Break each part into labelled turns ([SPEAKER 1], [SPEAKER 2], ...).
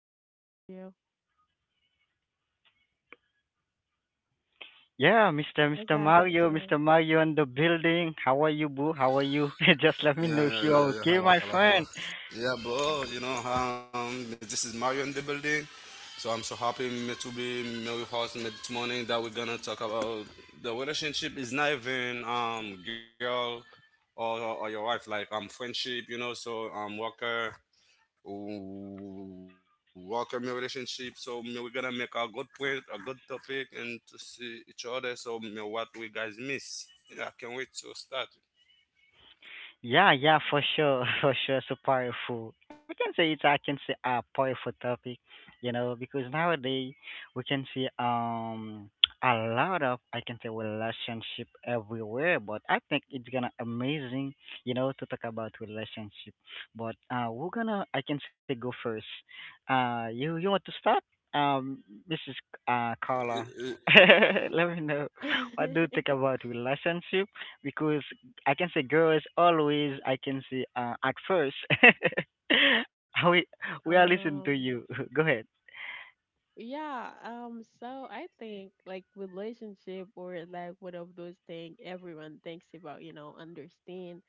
[SPEAKER 1] What do you say, Mario?
[SPEAKER 2] Yeah, Mr.
[SPEAKER 1] Let's dive
[SPEAKER 2] Mario, Mr.
[SPEAKER 1] into
[SPEAKER 2] Mario in the building. How are you, boo? How are you? Just let me know if you're
[SPEAKER 3] Yeah, yeah, yeah,
[SPEAKER 2] okay,
[SPEAKER 3] yeah, yeah.
[SPEAKER 2] my
[SPEAKER 3] Hello,
[SPEAKER 2] friend.
[SPEAKER 3] hello, hello. Yeah, bro. This is Mario in the building. So I'm so happy me to be me with us me this morning that we're gonna talk about the relationship is not even girl or your wife like friendship you know so worker worker me relationship so me, we're gonna make a good point a good topic and to see each other so me, what we guys miss yeah I can't wait to start.
[SPEAKER 2] Yeah, yeah, for
[SPEAKER 1] it.
[SPEAKER 2] sure, for sure, so powerful. I can say a powerful topic, you know, because nowadays we can see a lot of I can say relationship everywhere, but I think it's gonna amazing, you know, to talk about relationship. But we're gonna I can say go first. You want to start? Um, Mrs. Carla,
[SPEAKER 3] You
[SPEAKER 2] let me know what
[SPEAKER 1] Yeah.
[SPEAKER 2] do you think about relationship because I can say girls always. I can say at first. we are listening to you.
[SPEAKER 1] Um,
[SPEAKER 2] Go ahead.
[SPEAKER 1] yeah, so I think like relationship or like one of those things everyone thinks about, you know, understand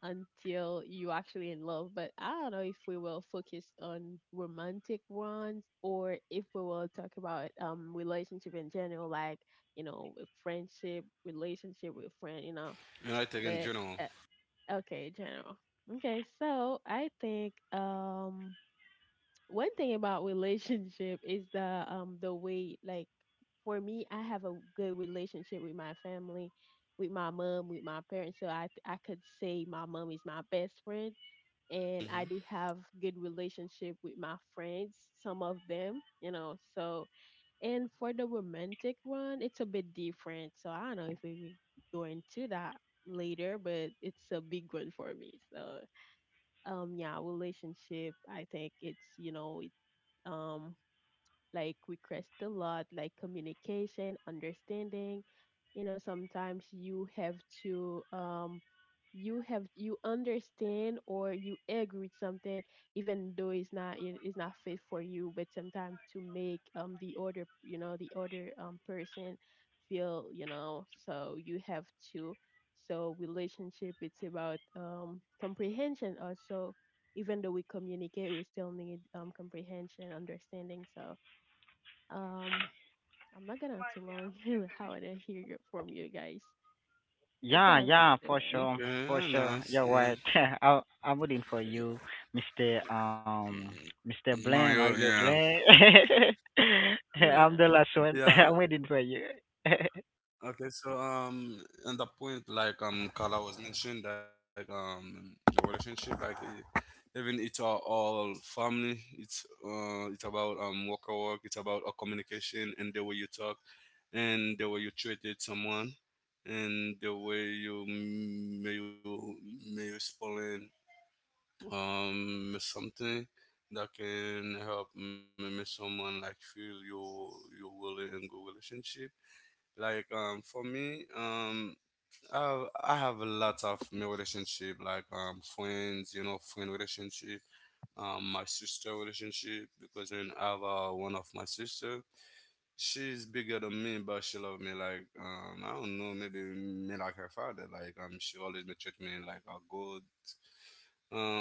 [SPEAKER 1] until you actually in love. But I don't know if we will focus on romantic ones or if we will talk about relationship in general, like you know, with friendship, relationship with friend, you know.
[SPEAKER 3] know, I think in
[SPEAKER 1] But
[SPEAKER 3] general.
[SPEAKER 1] uh, okay, general. Okay, so I think one thing about relationship is the way like for me I have a good relationship with my family with my mom, with my parents. So I could say my mom is my best friend, and I do
[SPEAKER 3] Mm-hmm.
[SPEAKER 1] have good relationship with my friends, some of them, you know. So, and for the romantic one, it's a bit different. So I don't know if we will go into that later, but it's a big one for me. So, yeah, relationship. I think it's, you know, it, um like we crashed a lot, like communication, understanding. You know, sometimes you have to, you have, you understand or you agree with something even though it's not, it's not fit for you, but sometimes to make, the other, you know, the other person feel, you know, so you have to, so relationship, it's about comprehension also, even though we communicate we still need comprehension, understanding. So, um, I'm not gonna too long. How I didn't hear from you guys. Let's
[SPEAKER 2] Yeah,
[SPEAKER 1] dive into
[SPEAKER 2] yeah, for
[SPEAKER 1] it.
[SPEAKER 2] sure, for
[SPEAKER 3] Okay,
[SPEAKER 2] sure. You're
[SPEAKER 3] nice.
[SPEAKER 2] right.
[SPEAKER 3] Yeah.
[SPEAKER 2] I'm waiting for you,
[SPEAKER 1] Yeah.
[SPEAKER 2] Mister Mister
[SPEAKER 3] No,
[SPEAKER 2] Blame. Are
[SPEAKER 3] you
[SPEAKER 2] you
[SPEAKER 3] yeah.
[SPEAKER 2] Blame? I'm
[SPEAKER 1] Yeah.
[SPEAKER 2] the last one.
[SPEAKER 3] Yeah.
[SPEAKER 2] I'm waiting for you.
[SPEAKER 3] Okay. So and the point like Carla was mentioned like the relationship like even it's our all family. It's about work or work. It's about a communication and the way you talk and the way you treated someone and the way you may you may you spoiling something that can help maybe someone like feel your willing and good relationship like for me I have a lot of my relationship like friends you know friend relationship my sister relationship because then I have one of my sister. She's bigger than me but she love me like I don't know maybe me like her father like she always treat me like a good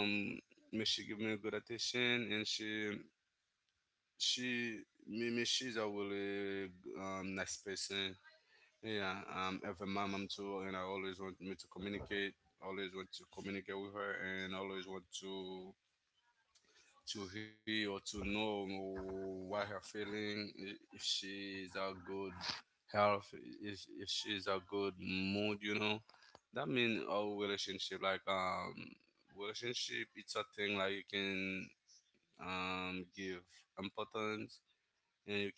[SPEAKER 3] um, mais she give me good attention, and she me me she's a really nice person. Yeah, ever my mom too, and I always want me to communicate. Always want to communicate with her, and always want to hear or to know what her feeling, if she's a good health, if she's a good mood, you know. That means our relationship, like relationship, it's a thing like you can give importance,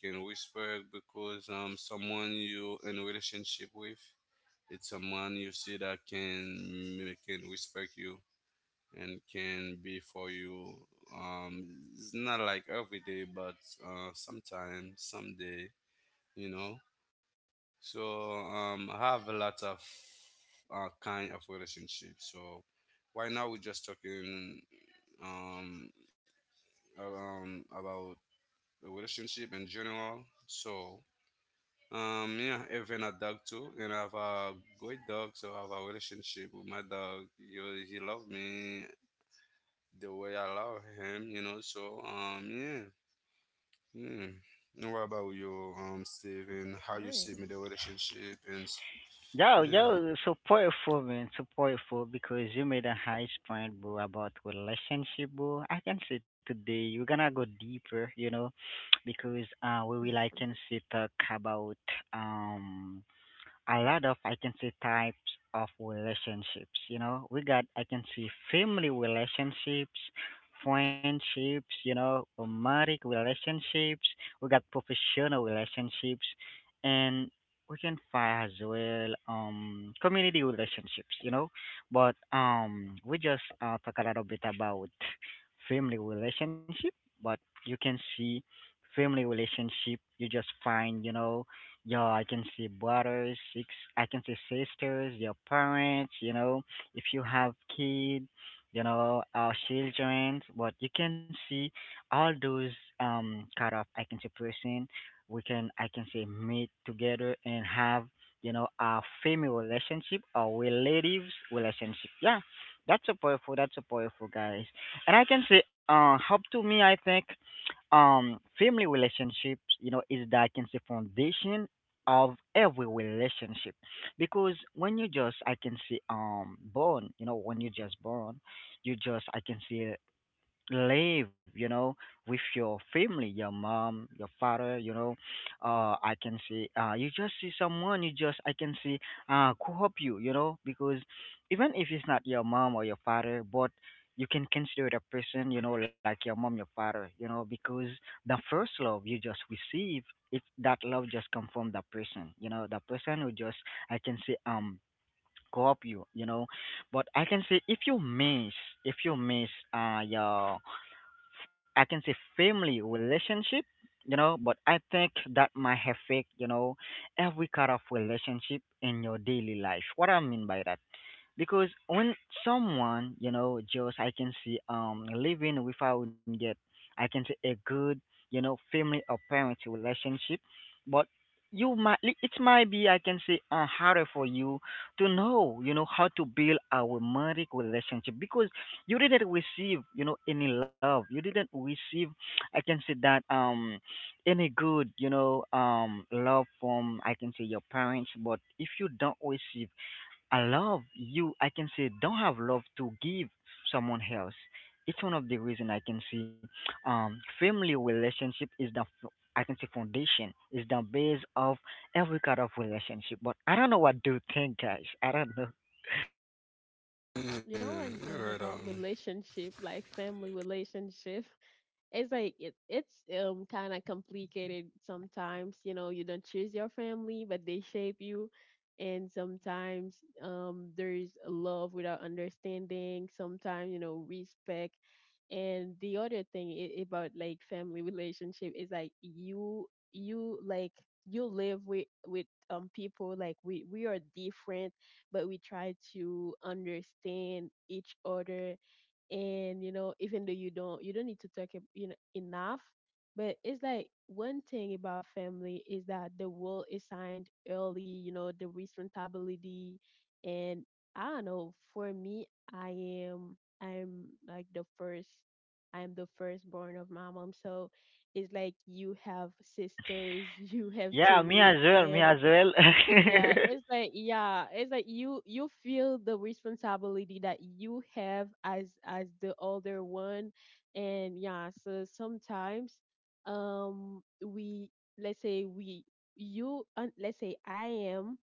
[SPEAKER 3] and you can respect because someone you in relationship with, it's someone you see that can respect you and can be for you. It's not like every day, but sometime, someday, you know. So I have a lot of kind of relationship. So right now we're just talking um, around about a relationship in general. So, yeah, even a dog too, and I have a great dog. So I have a relationship with my dog. You, he loves me the way I love him, you know. So, yeah. And what about you, Steve, and how you
[SPEAKER 1] Nice.
[SPEAKER 3] see me the relationship and
[SPEAKER 2] Yo, yo,
[SPEAKER 3] yeah.
[SPEAKER 2] supportful man, supportful because you made a high point, bro, about relationship, bro. I can say today we're gonna go deeper, you know, because we will I can say talk about um a lot of I can say types of relationships. You know, we got I can see family relationships, friendships. You know, romantic relationships. We got professional relationships, and we can find as well community relationships. You know, but we just talk a little bit about family relationship, but you can see family relationship you just find, you know. Yo, I can see brothers, six. I can see sisters, your parents. You know, if you have kids, you know, our children. But you can see all those kind of I can see person. We can I can say meet together and have, you know, a family relationship or relatives relationship. Yeah, that's so powerful. That's so powerful, guys. And I can say, up to me, I think family relationships, you know, is that I can say foundation of every relationship because when you just I can say born, you know, when you just born, you just I can say live, you know, with your family, your mom, your father, you know, I can see you just see someone you just I can see who help you, you know, because even if it's not your mom or your father, but you can consider the person, you know, like your mom, your father, you know, because the first love you just receive, it that love just come from that person, you know, the person who just I can see co-op you, you know. But I can say if you miss, your I can say family relationship, you know, but I think that might affect, you know, every kind of relationship in your daily life. What I mean by that? Because when someone, you know, just I can see living without get I can say a good, you know, family or parent relationship, but it might be I can say harder for you to know, you know, how to build a romantic relationship because you didn't receive, you know, any love. You didn't receive I can say that any good, you know, love from I can say your parents. But if you don't receive I love you, I can say don't have love to give someone else. It's one of the reason I can see family relationship is I can say foundation is the base of every kind of relationship. But I don't know what do you think, guys. I don't know.
[SPEAKER 1] You know
[SPEAKER 3] Yeah,
[SPEAKER 1] one thing
[SPEAKER 3] you're right,
[SPEAKER 1] about
[SPEAKER 3] um,
[SPEAKER 1] relationship, like family relationship, it's kind of complicated sometimes, you know, you don't choose your family but they shape you. And sometimes there's love without understanding, sometimes, you know, respect. And the other thing I about like family relationship is like you like you live with people, like we are different but we try to understand each other. And you know, even though you don't need to talk you know, enough, but it's like one thing about family is that the role is signed early, you know, the responsibility. And I don't know, for me, i am I'm like the first, I am the firstborn of my mom, so it's like you have sisters, you have to
[SPEAKER 2] Yeah, me
[SPEAKER 1] lead
[SPEAKER 2] as well, me
[SPEAKER 1] them.
[SPEAKER 2] as well.
[SPEAKER 1] Yeah, it's like, yeah, it's like you feel the responsibility that you have as the older one, and yeah, so sometimes, we let's say we you let's say I am,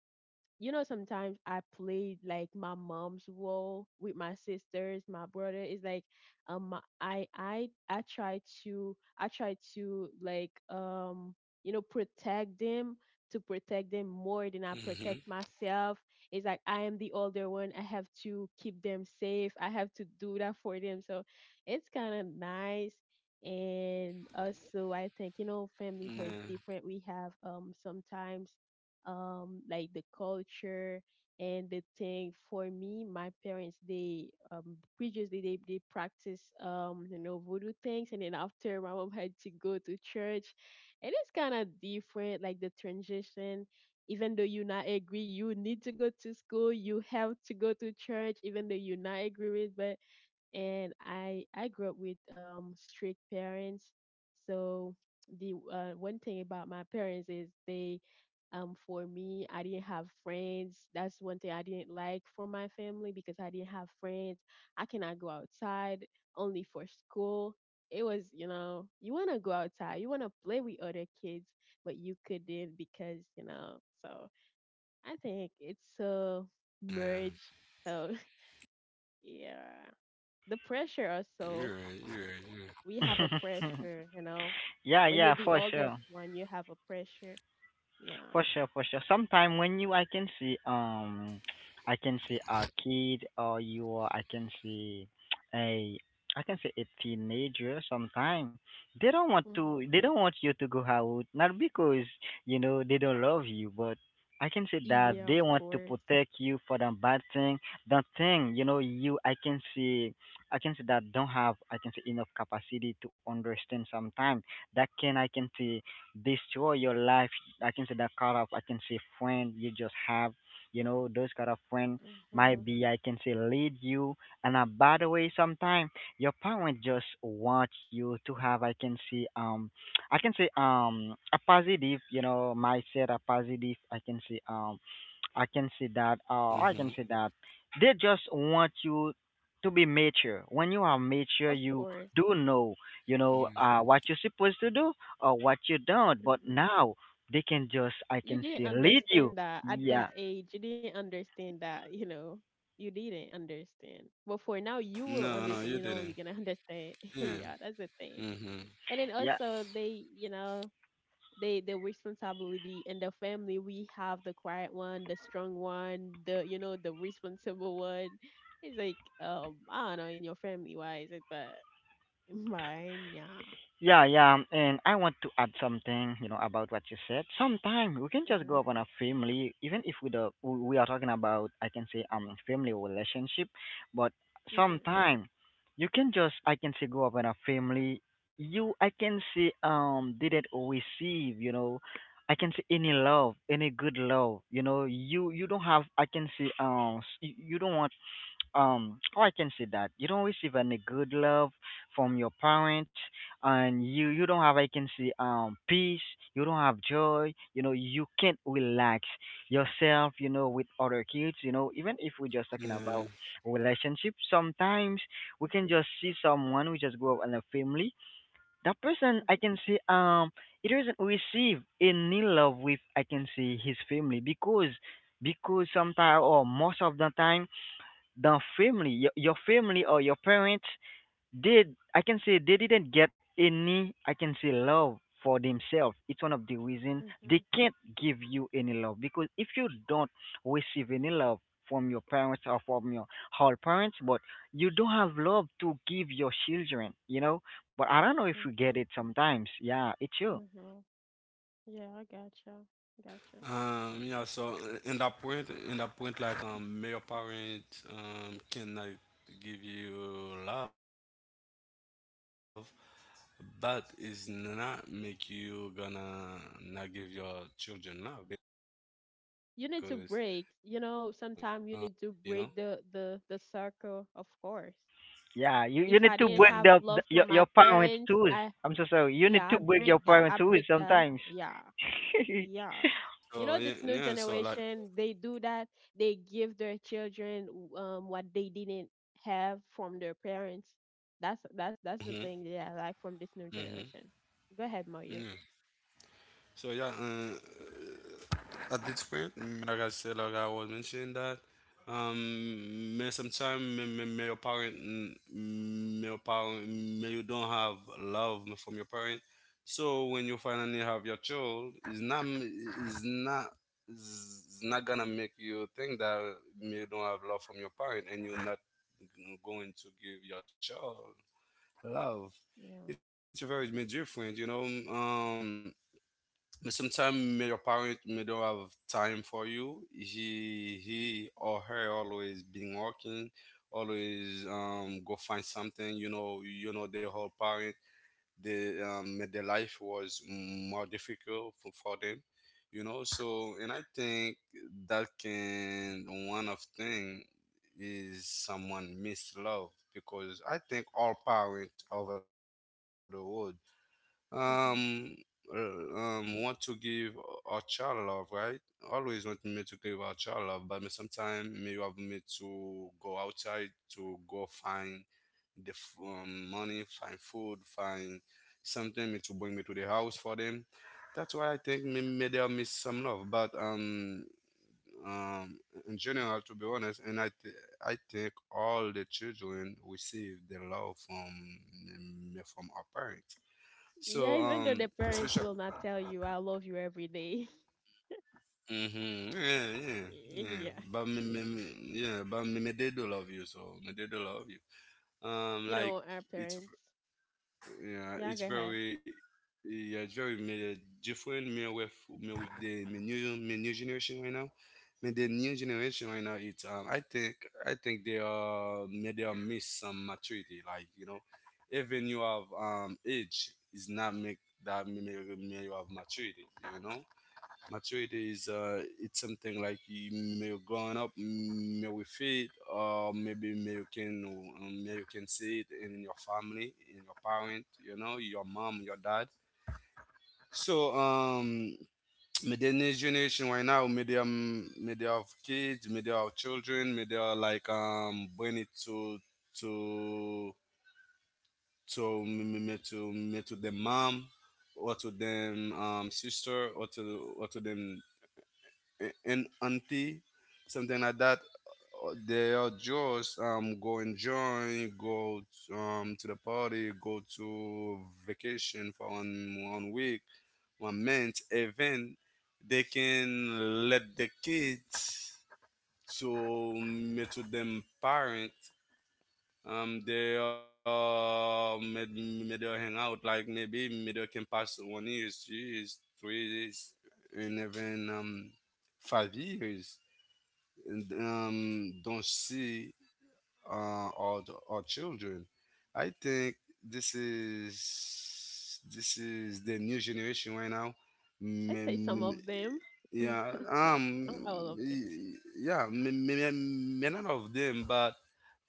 [SPEAKER 1] you know, sometimes I played like my mom's role with my sisters, my brother. It's like, I try to, I try to like you know protect them, to protect them more than I
[SPEAKER 3] Mhm.
[SPEAKER 1] protect myself. It's like I am the older one. I have to keep them safe. I have to do that for them. So it's kind of nice.
[SPEAKER 3] yeah,
[SPEAKER 1] And also, I think, you know, family hurts different. We have sometimes, like the culture and the thing. For me, my parents, they, previously they practice, you know, voodoo things, and then after, my mom had to go to church, and it's kind of different, like the transition. Even though you not agree, you need to go to school. You have to go to church, even though you not agree with. But and I grew up with strict parents. So the, one thing about my parents is they, for me, I didn't have friends. That's one thing I didn't like for my family, because I didn't have friends. I cannot go outside, only for school. It was, you know, you want to go outside, you want to play with other kids, but you couldn't, because, you know, so I think it's
[SPEAKER 3] yeah,
[SPEAKER 1] a merge. So, yeah, the pressure
[SPEAKER 3] you're right.
[SPEAKER 1] also, we have a pressure, you know.
[SPEAKER 2] yeah,
[SPEAKER 1] When
[SPEAKER 2] yeah,
[SPEAKER 1] you're
[SPEAKER 2] for
[SPEAKER 1] the
[SPEAKER 2] sure.
[SPEAKER 1] older one, you have a pressure.
[SPEAKER 2] For
[SPEAKER 1] Yeah.
[SPEAKER 2] sure, for sure. Sometime when you, I can see a kid, or you are, I can see a, I can see a teenager. Sometime they don't want to,
[SPEAKER 1] Mm-hmm.
[SPEAKER 2] they don't want you to go out, not because you know they don't love you, but I can see that
[SPEAKER 1] Yeah, of
[SPEAKER 2] they want to
[SPEAKER 1] course.
[SPEAKER 2] protect you for the bad thing, the thing you know you. I can see that don't have, I can see enough capacity to understand. Sometime that can, I can see destroy your life. I can say that kind of I can say friend you just have, you know, those kind of friend
[SPEAKER 1] Mm-hmm.
[SPEAKER 2] might be I can say lead you in a bad way sometimes. Your parents just want you to have I can say a positive, you know, mindset, a positive I can
[SPEAKER 3] Yeah.
[SPEAKER 2] say
[SPEAKER 3] Mhm.
[SPEAKER 2] that I can say that they just want you to be mature. When you are mature
[SPEAKER 1] Of
[SPEAKER 2] you
[SPEAKER 1] course.
[SPEAKER 2] do know,
[SPEAKER 3] Yeah.
[SPEAKER 2] you know, what you're supposed to do or what you don't. But
[SPEAKER 1] Mm-hmm.
[SPEAKER 2] now they can just I
[SPEAKER 1] You
[SPEAKER 2] can
[SPEAKER 1] didn't
[SPEAKER 2] say lead you.
[SPEAKER 1] understand that at that
[SPEAKER 2] Yeah,
[SPEAKER 1] age. You didn't understand that, you know. You didn't understand. But for now, you
[SPEAKER 3] No, no,
[SPEAKER 1] will
[SPEAKER 3] you
[SPEAKER 1] understand.
[SPEAKER 3] didn't.
[SPEAKER 1] You know, you're gonna understand.
[SPEAKER 3] Yeah.
[SPEAKER 1] Yeah, that's the thing.
[SPEAKER 3] Mhm.
[SPEAKER 1] And then
[SPEAKER 2] yeah.
[SPEAKER 1] also they, you know, the responsibility in the family, we have the quiet one, the strong one, the, you know, the responsible one. It's like, I don't know, in your family why is it, but in mine, yeah.
[SPEAKER 2] Yeah, yeah, and I want to add something, you know, about what you said. Sometimes we can
[SPEAKER 1] Mm-hmm,
[SPEAKER 2] just go up on a family, even if we the we are talking about, I can say, family relationship, but
[SPEAKER 1] mm-hmm,
[SPEAKER 2] sometimes you can just, I can say, go up on a family. You, I can say, didn't receive, you know, I can say any love, any good love, you know. You don't have, I can say, you you don't want oh, I can see that. You don't receive any good love from your parents, and you don't have I can see peace. You don't have joy. You know you can't relax yourself. You know with other kids. You know even if we're just talking
[SPEAKER 3] Yeah.
[SPEAKER 2] about relationship, sometimes we
[SPEAKER 1] mm-hmm,
[SPEAKER 2] can just see someone we just grow up in a family. That person I can see it doesn't receive any love with I can see his family because sometimes or most of the time the family your family or your parents did I can say they didn't get any I can say love for themselves. It's one of the reason
[SPEAKER 1] mm-hmm,
[SPEAKER 2] they can't give you any love because if you don't receive any love from your parents or from your whole parents, but you don't have love to give your children, you know. But I don't know if you get it
[SPEAKER 1] hmm
[SPEAKER 2] sometimes. Yeah, it's you.
[SPEAKER 1] hmm, yeah, I
[SPEAKER 3] Yeah,
[SPEAKER 1] gotcha,
[SPEAKER 3] so
[SPEAKER 1] gotcha.
[SPEAKER 3] in that point, like, your parents, can like give you love, but it's not make you gonna not give your children love because, your parent can make
[SPEAKER 1] You need
[SPEAKER 3] them
[SPEAKER 1] to
[SPEAKER 3] miss
[SPEAKER 1] break,
[SPEAKER 3] something,
[SPEAKER 1] you know,
[SPEAKER 3] you know?
[SPEAKER 1] sometimes you need to break the circle, of course,
[SPEAKER 2] Yeah, you,
[SPEAKER 3] Yeah.
[SPEAKER 2] you
[SPEAKER 1] if
[SPEAKER 2] need
[SPEAKER 1] I
[SPEAKER 2] to
[SPEAKER 1] didn't
[SPEAKER 2] break
[SPEAKER 1] have
[SPEAKER 2] the
[SPEAKER 1] love from my
[SPEAKER 2] your parents
[SPEAKER 1] parents,
[SPEAKER 2] rules.
[SPEAKER 1] I,
[SPEAKER 2] I'm so sorry, you need
[SPEAKER 1] yeah,
[SPEAKER 2] to
[SPEAKER 1] i
[SPEAKER 2] break your
[SPEAKER 1] break that i
[SPEAKER 2] parents rules
[SPEAKER 1] break that
[SPEAKER 2] sometimes.
[SPEAKER 1] yeah. Yes.
[SPEAKER 3] So yeah,
[SPEAKER 1] You know,
[SPEAKER 3] yeah.
[SPEAKER 1] this new
[SPEAKER 3] So like,
[SPEAKER 1] generation, they do that. They give their children what they didn't have from their parents. That's that's
[SPEAKER 3] mm-hmm,
[SPEAKER 1] the thing that I like from this new
[SPEAKER 3] mm-hmm,
[SPEAKER 1] generation. Go ahead,
[SPEAKER 3] yeah.
[SPEAKER 1] Mario.
[SPEAKER 3] So yeah. That's weird. Like I said, like I was mentioning that. May sometimes may your parent, may you don't have love from your parent. So when you finally have your child, it's not gonna make you think that you don't have love from your parent, and you're not going to give your child love.
[SPEAKER 1] Yeah.
[SPEAKER 3] It's very different, you know. Um, Sometimes may your parent may not have time for you he or her always been working always go find something you know the whole parent the their life was more difficult for them you know. So and I think that can one of thing is someone miss love because I think all parents over the world um, uh,
[SPEAKER 1] Hmm.
[SPEAKER 3] want to give our child love, right? Always want me to give our child love, but sometimes may you have me to go outside to go find the money, find food, find something me to bring me to the house for them. That's why I think me may they miss some love, but. Um, in general, to be honest, I think all the children receive the love from our parents so
[SPEAKER 1] Yeah, even though the
[SPEAKER 3] especially.
[SPEAKER 1] parents will not tell you I love you every day.
[SPEAKER 3] Yeah, yeah, yeah.
[SPEAKER 1] Yeah.
[SPEAKER 3] But me, me, they do love you, so me, they do love you.
[SPEAKER 1] You
[SPEAKER 3] Like
[SPEAKER 1] know, our
[SPEAKER 3] it's,
[SPEAKER 1] parents.
[SPEAKER 3] yeah,
[SPEAKER 1] Yeah, go ahead.
[SPEAKER 3] yeah, it's very me, different. Me with the me new generation right now. Me the new generation right now. It's um, I think they are me they are miss some maturity. Like you know, even you have age is not make that me, me, me you have maturity. You know, maturity is it's something like you may you're growing up, may with it, or maybe may you can see it in your family, in your parent, you know, your mom, your dad. So may the next generation right now, may they have kids, may they have children, may they are like bring it to to me to me to the mom or to them sister or to them an auntie, something like that. They are just go and join, to the party, go to vacation for 1 one week, 1 month, even they can let the kids to meet to them parents. They are made made they hang out like maybe they can pass 1 years, 2 years, 3 years, and even 5 years and, don't see uh, our, our children. I think this is the new generation right now. M-
[SPEAKER 1] Let's say some
[SPEAKER 3] m-
[SPEAKER 1] of them.
[SPEAKER 3] yeah,
[SPEAKER 1] Not not all of them.
[SPEAKER 3] yeah, none of them, but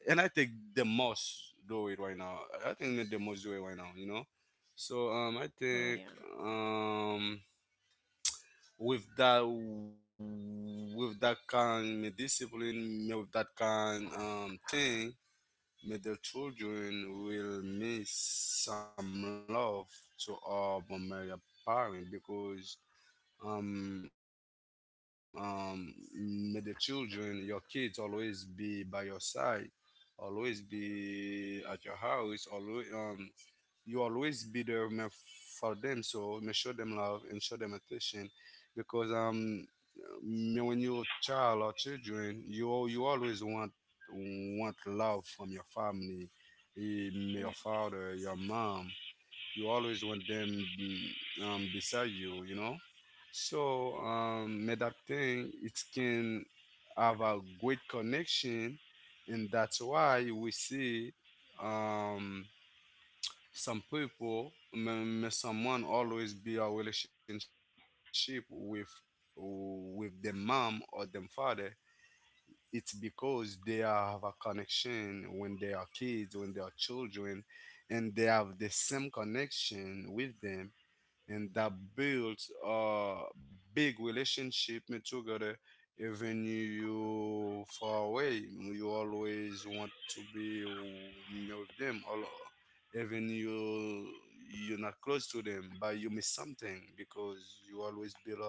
[SPEAKER 3] and I think the most do it right now. I think the most do it right now. You know, so I
[SPEAKER 1] Oh
[SPEAKER 3] think
[SPEAKER 1] yeah.
[SPEAKER 3] um with that kind of discipline with that kind thing may the children will miss some love to our Bomberia parent because may the children your kids always be by your side always be at your house always you always be there man, for them. So man, show them love and show them attention, because man, when you're a child or children, you always want love from your family, eh, your
[SPEAKER 1] Yeah.
[SPEAKER 3] father, your mom. You always want them beside you, you know. So man, that thing it can have a great connection, and that's why we see. Um, some people may someone always be our relationship with their mom or them father it's because have a connection when they are kids when they are children and they have the same connection with them and that builds a big relationship made together even you far away you always want to be with them or even you you're not close to them but you miss something because you always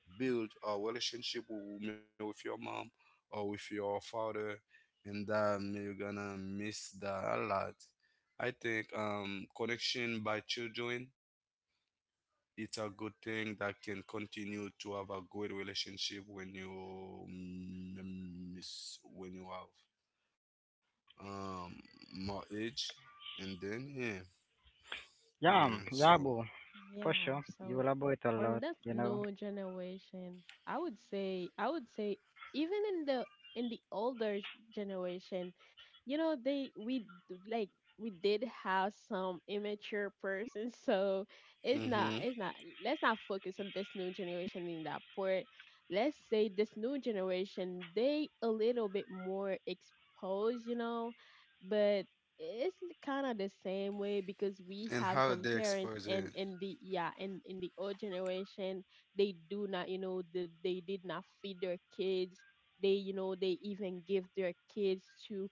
[SPEAKER 3] build a relationship with your mom or with your father and that you're gonna miss that a lot. I think connection by children it's a good thing that can continue to have a good relationship when you when you have um more age and then yeah yeah
[SPEAKER 2] Yeah,
[SPEAKER 3] so.
[SPEAKER 2] yeah, boo, for sure.
[SPEAKER 1] Yeah,
[SPEAKER 2] You
[SPEAKER 1] so
[SPEAKER 2] elaborate a
[SPEAKER 1] for
[SPEAKER 2] lot,
[SPEAKER 1] that
[SPEAKER 2] you know.
[SPEAKER 1] new generation, I would say, I would say even in the, in the generation, you know, they, we like, we did have some immature persons, so it's not,
[SPEAKER 3] Hmm.
[SPEAKER 1] it's not, let's not focus on this new generation in that part. Let's say this new generation, they a little bit more exposed, you know, but it's kind of the same way, because we
[SPEAKER 3] And
[SPEAKER 1] have
[SPEAKER 3] how
[SPEAKER 1] some
[SPEAKER 3] they
[SPEAKER 1] parents,
[SPEAKER 3] expose
[SPEAKER 1] and
[SPEAKER 3] it.
[SPEAKER 1] in the, yeah, and in the old generation, they do not, you know, the, they did not feed their kids, they, you know, they even give their kids to,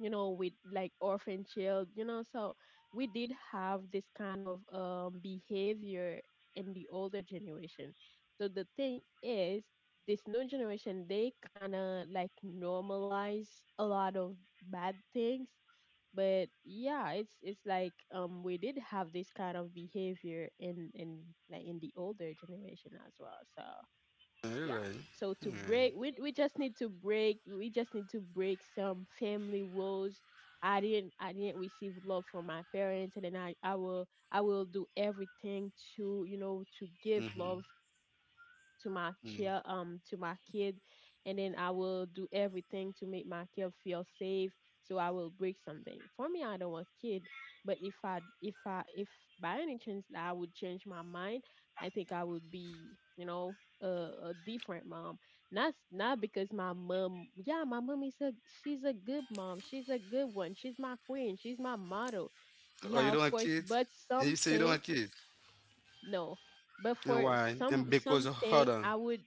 [SPEAKER 1] you know, with like orphan child, you know, so we did have this kind of, behavior in the older generation. So the thing is, this new generation, they kind of like normalize a lot of bad things. But yeah, it's like, we did have this kind of behavior in, like, in the older generation as well. So
[SPEAKER 3] Yeah, you're
[SPEAKER 1] yeah,
[SPEAKER 3] right,
[SPEAKER 1] so to
[SPEAKER 3] you're right.
[SPEAKER 1] break, we just need to break, we just need to break some family rules. I didn't, I didn't receive love from my parents, and then I will, I will do everything to, you know, to give
[SPEAKER 3] Mm-hmm.
[SPEAKER 1] love to my
[SPEAKER 3] Mm.
[SPEAKER 1] child, to my kid, and then I will do everything to make my kid feel safe. So I will break something. For me, I don't want kid, but if I, if I, if by any chance I would change my mind, I think I would be, you know, a different mom. Not not because my mom, yeah, my mom is a, she's a good mom. She's a good one. She's my queen. She's my model.
[SPEAKER 3] Oh, you
[SPEAKER 1] Yeah,
[SPEAKER 3] don't
[SPEAKER 1] of
[SPEAKER 3] want
[SPEAKER 1] course,
[SPEAKER 3] kids?
[SPEAKER 1] but
[SPEAKER 3] Yeah, you say you don't want
[SPEAKER 1] something,
[SPEAKER 3] kids.
[SPEAKER 1] no. But
[SPEAKER 3] And
[SPEAKER 1] for
[SPEAKER 3] why?
[SPEAKER 1] some,
[SPEAKER 3] And because of, hold
[SPEAKER 1] something
[SPEAKER 3] on.
[SPEAKER 1] I would,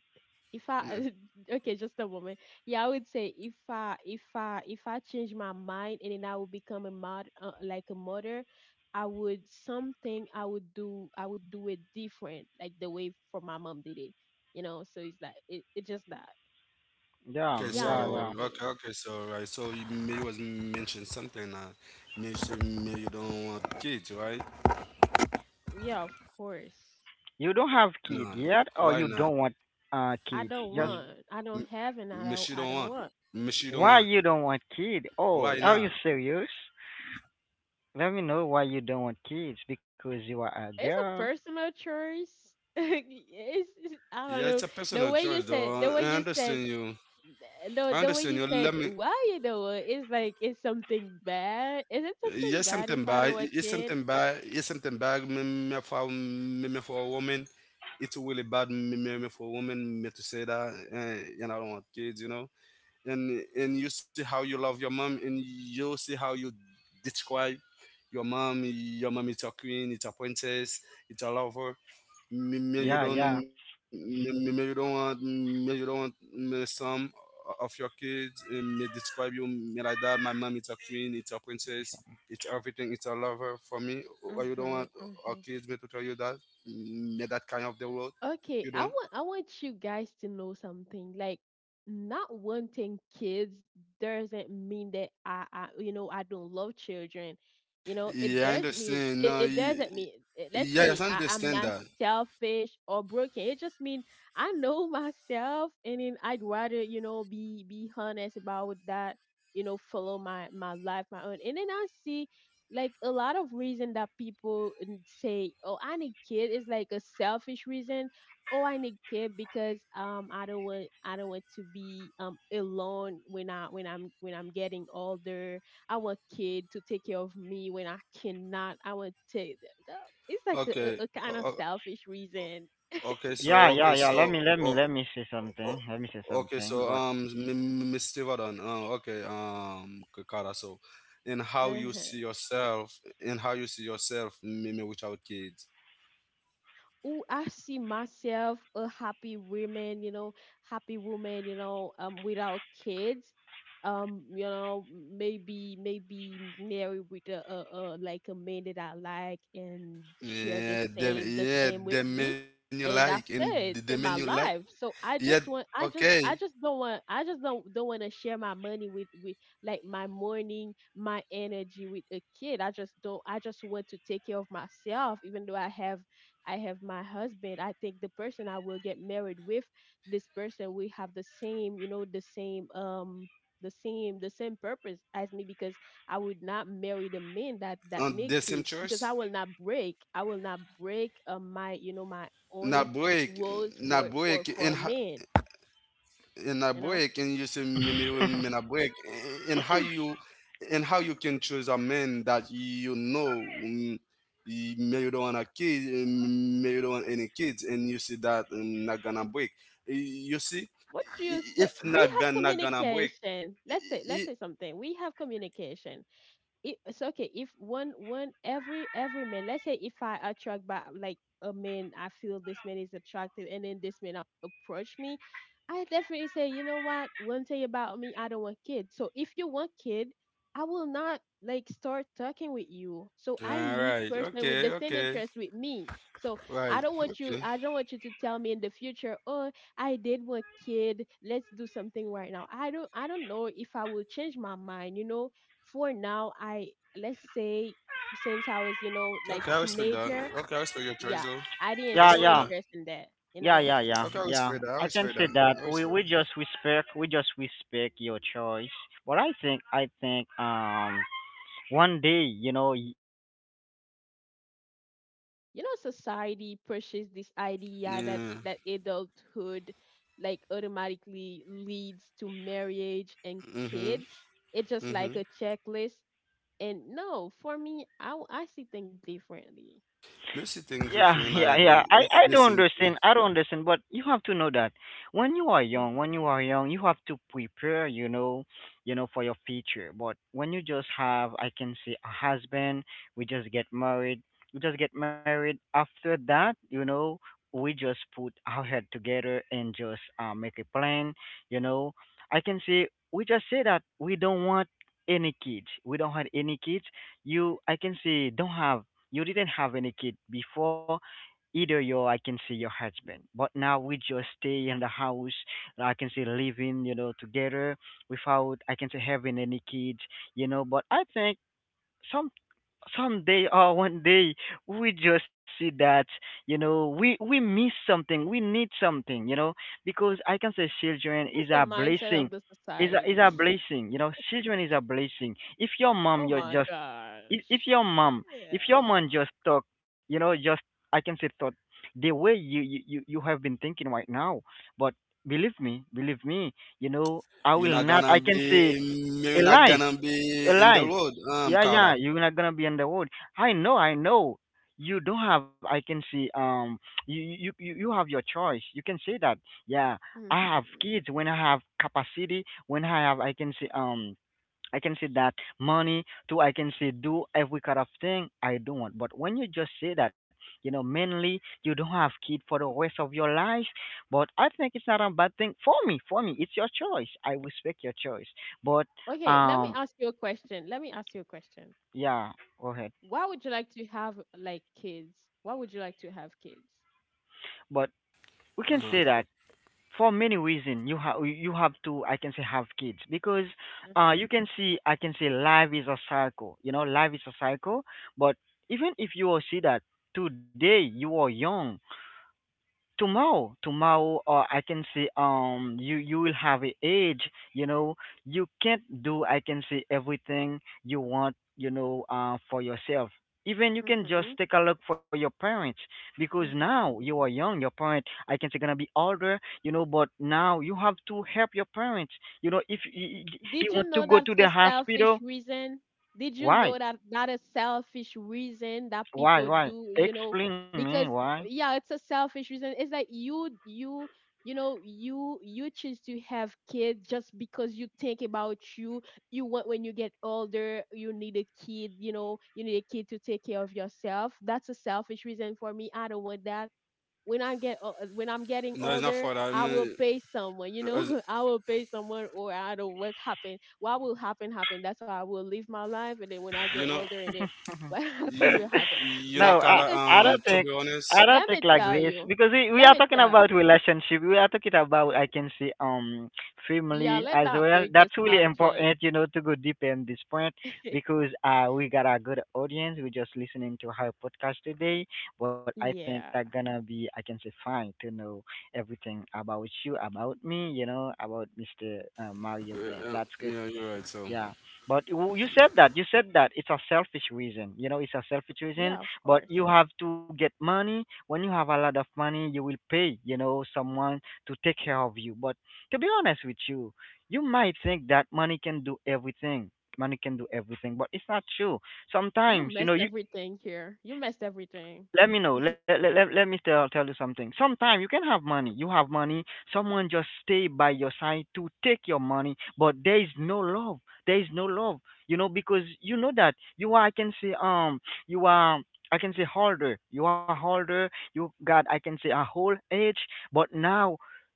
[SPEAKER 1] if
[SPEAKER 3] Yeah.
[SPEAKER 1] I, okay, just a moment. Yeah, I would say if I, if I, if I change my mind, and then I would become a mod, like a mother, I would, something I would do, I would do it different, like the way for my mom did it. You know, so it's like it, it's just that.
[SPEAKER 2] Yeah,
[SPEAKER 3] Okay,
[SPEAKER 1] Yeah, I
[SPEAKER 2] yeah,
[SPEAKER 3] so
[SPEAKER 1] don't want
[SPEAKER 2] yeah.
[SPEAKER 3] okay,
[SPEAKER 1] kids.
[SPEAKER 3] okay, so right, so you may was mentioned something that maybe she may you don't want kids, right?
[SPEAKER 1] Yeah, of course.
[SPEAKER 2] You don't have kid
[SPEAKER 3] No,
[SPEAKER 2] yet, or you
[SPEAKER 3] why
[SPEAKER 2] don't
[SPEAKER 3] not?
[SPEAKER 2] want
[SPEAKER 1] I
[SPEAKER 2] kids?
[SPEAKER 1] don't
[SPEAKER 3] M-
[SPEAKER 2] Just
[SPEAKER 1] want. I don't
[SPEAKER 3] May she
[SPEAKER 1] have
[SPEAKER 3] don't
[SPEAKER 1] and
[SPEAKER 3] want,
[SPEAKER 1] I don't, I
[SPEAKER 3] may
[SPEAKER 1] don't
[SPEAKER 3] she
[SPEAKER 1] want.
[SPEAKER 3] don't want.
[SPEAKER 2] why you don't want
[SPEAKER 3] Why
[SPEAKER 2] kid?
[SPEAKER 3] not?
[SPEAKER 2] Oh, are you serious? Let me know why you don't want kids because you are a
[SPEAKER 1] It's a
[SPEAKER 2] girl.
[SPEAKER 1] personal choice. It's, I
[SPEAKER 3] Yeah,
[SPEAKER 1] don't
[SPEAKER 3] it's a
[SPEAKER 1] know
[SPEAKER 3] personal
[SPEAKER 1] the way
[SPEAKER 3] choice,
[SPEAKER 1] you
[SPEAKER 3] though.
[SPEAKER 1] said, the way
[SPEAKER 3] I
[SPEAKER 1] you said,
[SPEAKER 3] understand you.
[SPEAKER 1] no,
[SPEAKER 3] I
[SPEAKER 1] the way
[SPEAKER 3] understand
[SPEAKER 1] you
[SPEAKER 3] you. Let
[SPEAKER 1] said,
[SPEAKER 3] me.
[SPEAKER 1] well, you know, it's like, it's something bad? Is it something
[SPEAKER 3] Yes,
[SPEAKER 1] bad if
[SPEAKER 3] something
[SPEAKER 1] I
[SPEAKER 3] bad.
[SPEAKER 1] know a
[SPEAKER 3] It's
[SPEAKER 1] kid?
[SPEAKER 3] something bad. It's something bad. Me, me for a woman. It's really bad. Me, me me for a woman. Me to say that, eh, and I don't want kids. You know. And you see how you love your mom and you see how you describe your mom is your queen it's a princess it's a lover me, me
[SPEAKER 2] Yeah,
[SPEAKER 3] you don't
[SPEAKER 1] Mhm,
[SPEAKER 2] yeah,
[SPEAKER 3] me, me me you don't want me you don't want me some of your kids and me describe you me like that my mom is a queen it's a princess it's everything it's a lover for me or you don't
[SPEAKER 1] mhm,
[SPEAKER 3] want our
[SPEAKER 1] mhm.
[SPEAKER 3] kids me to tell you that me that kind of the world
[SPEAKER 1] Okay,
[SPEAKER 3] you
[SPEAKER 1] I
[SPEAKER 3] don't.
[SPEAKER 1] want, I want you guys to know something. Like not wanting kids doesn't mean that I, you know, I don't love children. You know, it
[SPEAKER 3] Yeah, I
[SPEAKER 1] does mean,
[SPEAKER 3] understand. No
[SPEAKER 1] it
[SPEAKER 3] y-
[SPEAKER 1] doesn't mean, let's
[SPEAKER 3] Yeah,
[SPEAKER 1] say
[SPEAKER 3] I
[SPEAKER 1] I, I'm
[SPEAKER 3] understand
[SPEAKER 1] not
[SPEAKER 3] that.
[SPEAKER 1] selfish or broken. It just means I know myself, and then I'd rather, you know, be honest about that, you know, follow my, my life, my own. And then I see like a lot of reason that people say, "Oh, I need kid," is like a selfish reason. Oh, I need care, because, I don't want, I don't want to be alone when I, when I'm, when I'm getting older. I want kid to take care of me when I cannot. I want to. It's like
[SPEAKER 3] Okay.
[SPEAKER 1] a kind of selfish reason.
[SPEAKER 3] Okay. So.
[SPEAKER 2] yeah,
[SPEAKER 3] Okay.
[SPEAKER 2] yeah, yeah.
[SPEAKER 3] So.
[SPEAKER 2] Let me,
[SPEAKER 3] o-
[SPEAKER 2] let me say
[SPEAKER 3] o-
[SPEAKER 2] something. Let me say
[SPEAKER 3] Okay. So.
[SPEAKER 2] something. But
[SPEAKER 3] Miss Stevedon. Okay. Kara. So, and how you
[SPEAKER 1] Uh-huh.
[SPEAKER 3] see yourself, and how you see yourself, maybe without kids.
[SPEAKER 1] Oh, I see myself a happy woman, you know, happy woman, you know, without kids. You know, maybe, maybe married with a like a man that I like and share the
[SPEAKER 3] Yeah. The
[SPEAKER 1] same, the
[SPEAKER 3] yeah.
[SPEAKER 1] same with
[SPEAKER 3] The
[SPEAKER 1] me.
[SPEAKER 3] men you like,
[SPEAKER 1] And
[SPEAKER 3] and
[SPEAKER 1] that's
[SPEAKER 3] the men
[SPEAKER 1] it
[SPEAKER 3] you
[SPEAKER 1] in my
[SPEAKER 3] like.
[SPEAKER 1] life. So
[SPEAKER 3] Yeah. Okay.
[SPEAKER 1] I just don't want to share my money with like my morning, my energy with a kid. I just don't. I just want to take care of myself, even though I have my husband. I think the person I will get married with, this person, we have the same, the same purpose as me, because I would not marry the men that need kids,
[SPEAKER 3] On the
[SPEAKER 1] because
[SPEAKER 3] same
[SPEAKER 1] I will not
[SPEAKER 3] choice.
[SPEAKER 1] break, my own
[SPEAKER 3] Not break.
[SPEAKER 1] rules
[SPEAKER 3] Not
[SPEAKER 1] for for
[SPEAKER 3] break.
[SPEAKER 1] for
[SPEAKER 3] And
[SPEAKER 1] a man.
[SPEAKER 3] in a
[SPEAKER 1] You know,
[SPEAKER 3] break and you say, "Me will in a break and how you can choose a man that you know, may you don't want a kid, may you don't want any kids, and you see that, not gonna break, you see,
[SPEAKER 1] what do you say?
[SPEAKER 3] if
[SPEAKER 1] We
[SPEAKER 3] not
[SPEAKER 1] have
[SPEAKER 3] gonna break
[SPEAKER 1] communication. Let's say let's
[SPEAKER 3] it.
[SPEAKER 1] say something. We have communication. It's okay if one every man. Let's say if I attract by like a man, I feel this man is attractive, and then this man approach me. I definitely say, you know what, one thing about me, I don't want kids, so if you want kid, I will not like start talking with you. So I
[SPEAKER 3] All
[SPEAKER 1] need
[SPEAKER 3] right.
[SPEAKER 1] person with
[SPEAKER 3] Okay.
[SPEAKER 1] the same
[SPEAKER 3] Okay.
[SPEAKER 1] interest with me. So
[SPEAKER 3] Right.
[SPEAKER 1] i don't want you
[SPEAKER 3] Okay.
[SPEAKER 1] i don't want you to tell me in the future, oh, I did want kid, let's do something right now. I don't know if I will change my mind, you know. For now, I let's say, since I was, you
[SPEAKER 3] Okay,
[SPEAKER 1] know,
[SPEAKER 3] I
[SPEAKER 1] like
[SPEAKER 3] respect that. Okay, I
[SPEAKER 1] teenager.
[SPEAKER 3] respect your choice though.
[SPEAKER 1] Yeah,
[SPEAKER 3] I
[SPEAKER 1] I didn't
[SPEAKER 3] respect
[SPEAKER 2] yeah,
[SPEAKER 3] that.
[SPEAKER 1] show
[SPEAKER 2] yeah.
[SPEAKER 1] interest in that. you
[SPEAKER 2] Yeah,
[SPEAKER 1] know
[SPEAKER 2] yeah,
[SPEAKER 3] Okay, I
[SPEAKER 2] yeah,
[SPEAKER 3] respect that. I
[SPEAKER 2] yeah.
[SPEAKER 3] respect
[SPEAKER 2] I
[SPEAKER 3] that.
[SPEAKER 2] can say
[SPEAKER 3] I
[SPEAKER 2] that
[SPEAKER 3] respect that.
[SPEAKER 2] we just respect, your choice. But I think one day, you know.
[SPEAKER 1] Society pushes this idea that
[SPEAKER 3] Yeah.
[SPEAKER 1] that adulthood like automatically leads to marriage and
[SPEAKER 3] Mm-hmm.
[SPEAKER 1] kids. It's just
[SPEAKER 3] Mm-hmm.
[SPEAKER 1] like a checklist. And no, for me, I see think differently.
[SPEAKER 3] Messy things your
[SPEAKER 2] Yeah,
[SPEAKER 3] friend
[SPEAKER 2] yeah,
[SPEAKER 3] like go.
[SPEAKER 2] yeah.
[SPEAKER 3] It's
[SPEAKER 2] I
[SPEAKER 3] the
[SPEAKER 2] don't
[SPEAKER 3] same too.
[SPEAKER 2] understand. I don't understand, but you have to know that
[SPEAKER 1] Hmm.
[SPEAKER 2] when you are young, you have to prepare, you know, for your future. But when you just have, I can say, a husband, we just get married, we just get married. After that, you know, we just put our head together and just make a plan. You know, I can say we just say that we don't want any kids. We don't have any kids. You, I can say, don't have you didn't have any kid before either your I can say your husband. But now we just stay in the house. I can say living, you know, together without I can say having any kids, you know. But I think some someday or one day we just see that, you know, we miss something, we need something, you know, because I can say children
[SPEAKER 1] That's
[SPEAKER 2] is
[SPEAKER 1] the
[SPEAKER 2] a
[SPEAKER 1] mindset of
[SPEAKER 2] blessing.
[SPEAKER 1] the
[SPEAKER 2] Is
[SPEAKER 1] society.
[SPEAKER 2] a blessing, you know. Children is a blessing. If your mom,
[SPEAKER 1] Oh
[SPEAKER 2] you're
[SPEAKER 1] my
[SPEAKER 2] just
[SPEAKER 1] gosh.
[SPEAKER 2] if your mom
[SPEAKER 1] Yeah.
[SPEAKER 2] if your mom just talk just I can say thought the way you have been thinking right now but believe me you know I will not I can say
[SPEAKER 3] You're not
[SPEAKER 2] alive
[SPEAKER 3] gonna be in the
[SPEAKER 2] alive.
[SPEAKER 3] road,
[SPEAKER 2] Yeah, yeah,
[SPEAKER 3] Carla.
[SPEAKER 2] you're not gonna be on the road. I know, I know. You don't have I can see you have your choice. You can say that. Yeah, I have
[SPEAKER 1] Mhm.
[SPEAKER 2] kids when I have capacity, when I have I can say I can say that money too. I can say do every kind of thing I don't want. But when you just say that, you know, mainly you don't have kid for the rest of your life. But I think it's not a bad thing for me. For me, it's your choice. I respect your choice. But
[SPEAKER 1] Okay, let me
[SPEAKER 2] um,
[SPEAKER 1] ask you a question. Let me ask you a question.
[SPEAKER 2] yeah, go ahead.
[SPEAKER 1] Why would you like to have like kids? Why would you like to have kids?
[SPEAKER 2] But
[SPEAKER 3] Uh-huh.
[SPEAKER 2] we can say that for many reasons you have to I can say have kids because
[SPEAKER 1] Mm-hmm.
[SPEAKER 2] you can see I can say life is a cycle. You know, life is a cycle. But even if you will see that today you are young, tomorrow or I can say you you will have a age, you know. You can't do I can say everything you want, you know, for yourself. Even you can just
[SPEAKER 1] Mm-hmm.
[SPEAKER 2] take a look for your parents because now
[SPEAKER 1] Mm-hmm.
[SPEAKER 2] you are young, your parent I can say gonna be older, you know, but now you have to help your parents. You know, if you,
[SPEAKER 1] Did
[SPEAKER 2] you want
[SPEAKER 1] you
[SPEAKER 2] to
[SPEAKER 1] know
[SPEAKER 2] go
[SPEAKER 1] that's
[SPEAKER 2] to
[SPEAKER 1] a
[SPEAKER 2] the
[SPEAKER 1] selfish
[SPEAKER 2] hospital.
[SPEAKER 1] reason? Did you
[SPEAKER 2] Why?
[SPEAKER 1] know that is selfish reason that
[SPEAKER 2] why
[SPEAKER 1] people
[SPEAKER 2] why
[SPEAKER 1] do,
[SPEAKER 2] Explain me
[SPEAKER 1] because
[SPEAKER 2] why.
[SPEAKER 1] yeah, it's a selfish reason. It's like you choose to have kids just because you think about you. You want, when you get older, you need a kid, you need a kid to take care of yourself. That's a selfish reason for me. I don't want that.
[SPEAKER 3] No, it's not
[SPEAKER 1] When
[SPEAKER 3] for
[SPEAKER 1] I'm
[SPEAKER 3] that. I
[SPEAKER 1] getting
[SPEAKER 3] mean,
[SPEAKER 1] older, I will pay
[SPEAKER 3] uh,
[SPEAKER 1] someone. I will pay someone, or I don't know what happened. What will happen? Happen. That's how I will live my life,
[SPEAKER 3] you
[SPEAKER 1] and
[SPEAKER 3] know
[SPEAKER 1] then when I get older, and then
[SPEAKER 3] you
[SPEAKER 1] what happened will
[SPEAKER 3] you know,
[SPEAKER 1] happen.
[SPEAKER 3] Carla,
[SPEAKER 1] That
[SPEAKER 2] No, I
[SPEAKER 1] because
[SPEAKER 3] to be
[SPEAKER 2] I don't
[SPEAKER 1] okay,
[SPEAKER 2] think
[SPEAKER 3] honest.
[SPEAKER 2] I don't think
[SPEAKER 1] let
[SPEAKER 2] like
[SPEAKER 1] me
[SPEAKER 2] this
[SPEAKER 1] tell
[SPEAKER 2] because
[SPEAKER 1] you,
[SPEAKER 2] we are
[SPEAKER 1] let
[SPEAKER 2] talking
[SPEAKER 1] me
[SPEAKER 2] about
[SPEAKER 1] tell.
[SPEAKER 2] relationship. We are talking about I can say
[SPEAKER 1] Yeah,
[SPEAKER 2] family
[SPEAKER 1] let
[SPEAKER 2] as
[SPEAKER 1] not
[SPEAKER 2] well.
[SPEAKER 1] break the
[SPEAKER 2] That's really
[SPEAKER 1] subject.
[SPEAKER 2] important, you know, to go deeper in this point because we got a good audience. We're just listening to her podcast today, but I think that
[SPEAKER 1] Yeah,
[SPEAKER 2] gonna be I can say fine to know everything about you, about me, you know, about Mister Mario
[SPEAKER 3] Uh,
[SPEAKER 2] Blend. That's good.
[SPEAKER 3] yeah, you're right, so
[SPEAKER 2] Yeah, but you said that, you said that it's a selfish reason. You know, it's a selfish reason.
[SPEAKER 1] yeah, of
[SPEAKER 2] But
[SPEAKER 1] course.
[SPEAKER 2] you have to get money. When you have a lot of money, you will pay, you know, someone to take care of you. But to be honest with you, you might think that money can do everything. Money can do everything, but it's not true.
[SPEAKER 1] You
[SPEAKER 2] Sometimes, you know,
[SPEAKER 1] messed
[SPEAKER 2] you
[SPEAKER 1] everything here. You messed everything.
[SPEAKER 2] let me know. Let me tell you something. Sometimes you can have money. You have money. Someone just stay by your side to take your money, but there is no love. There is no love. You know because you know that you are. I can say you are. I can say harder. You are harder. You got. I can say a whole age, but now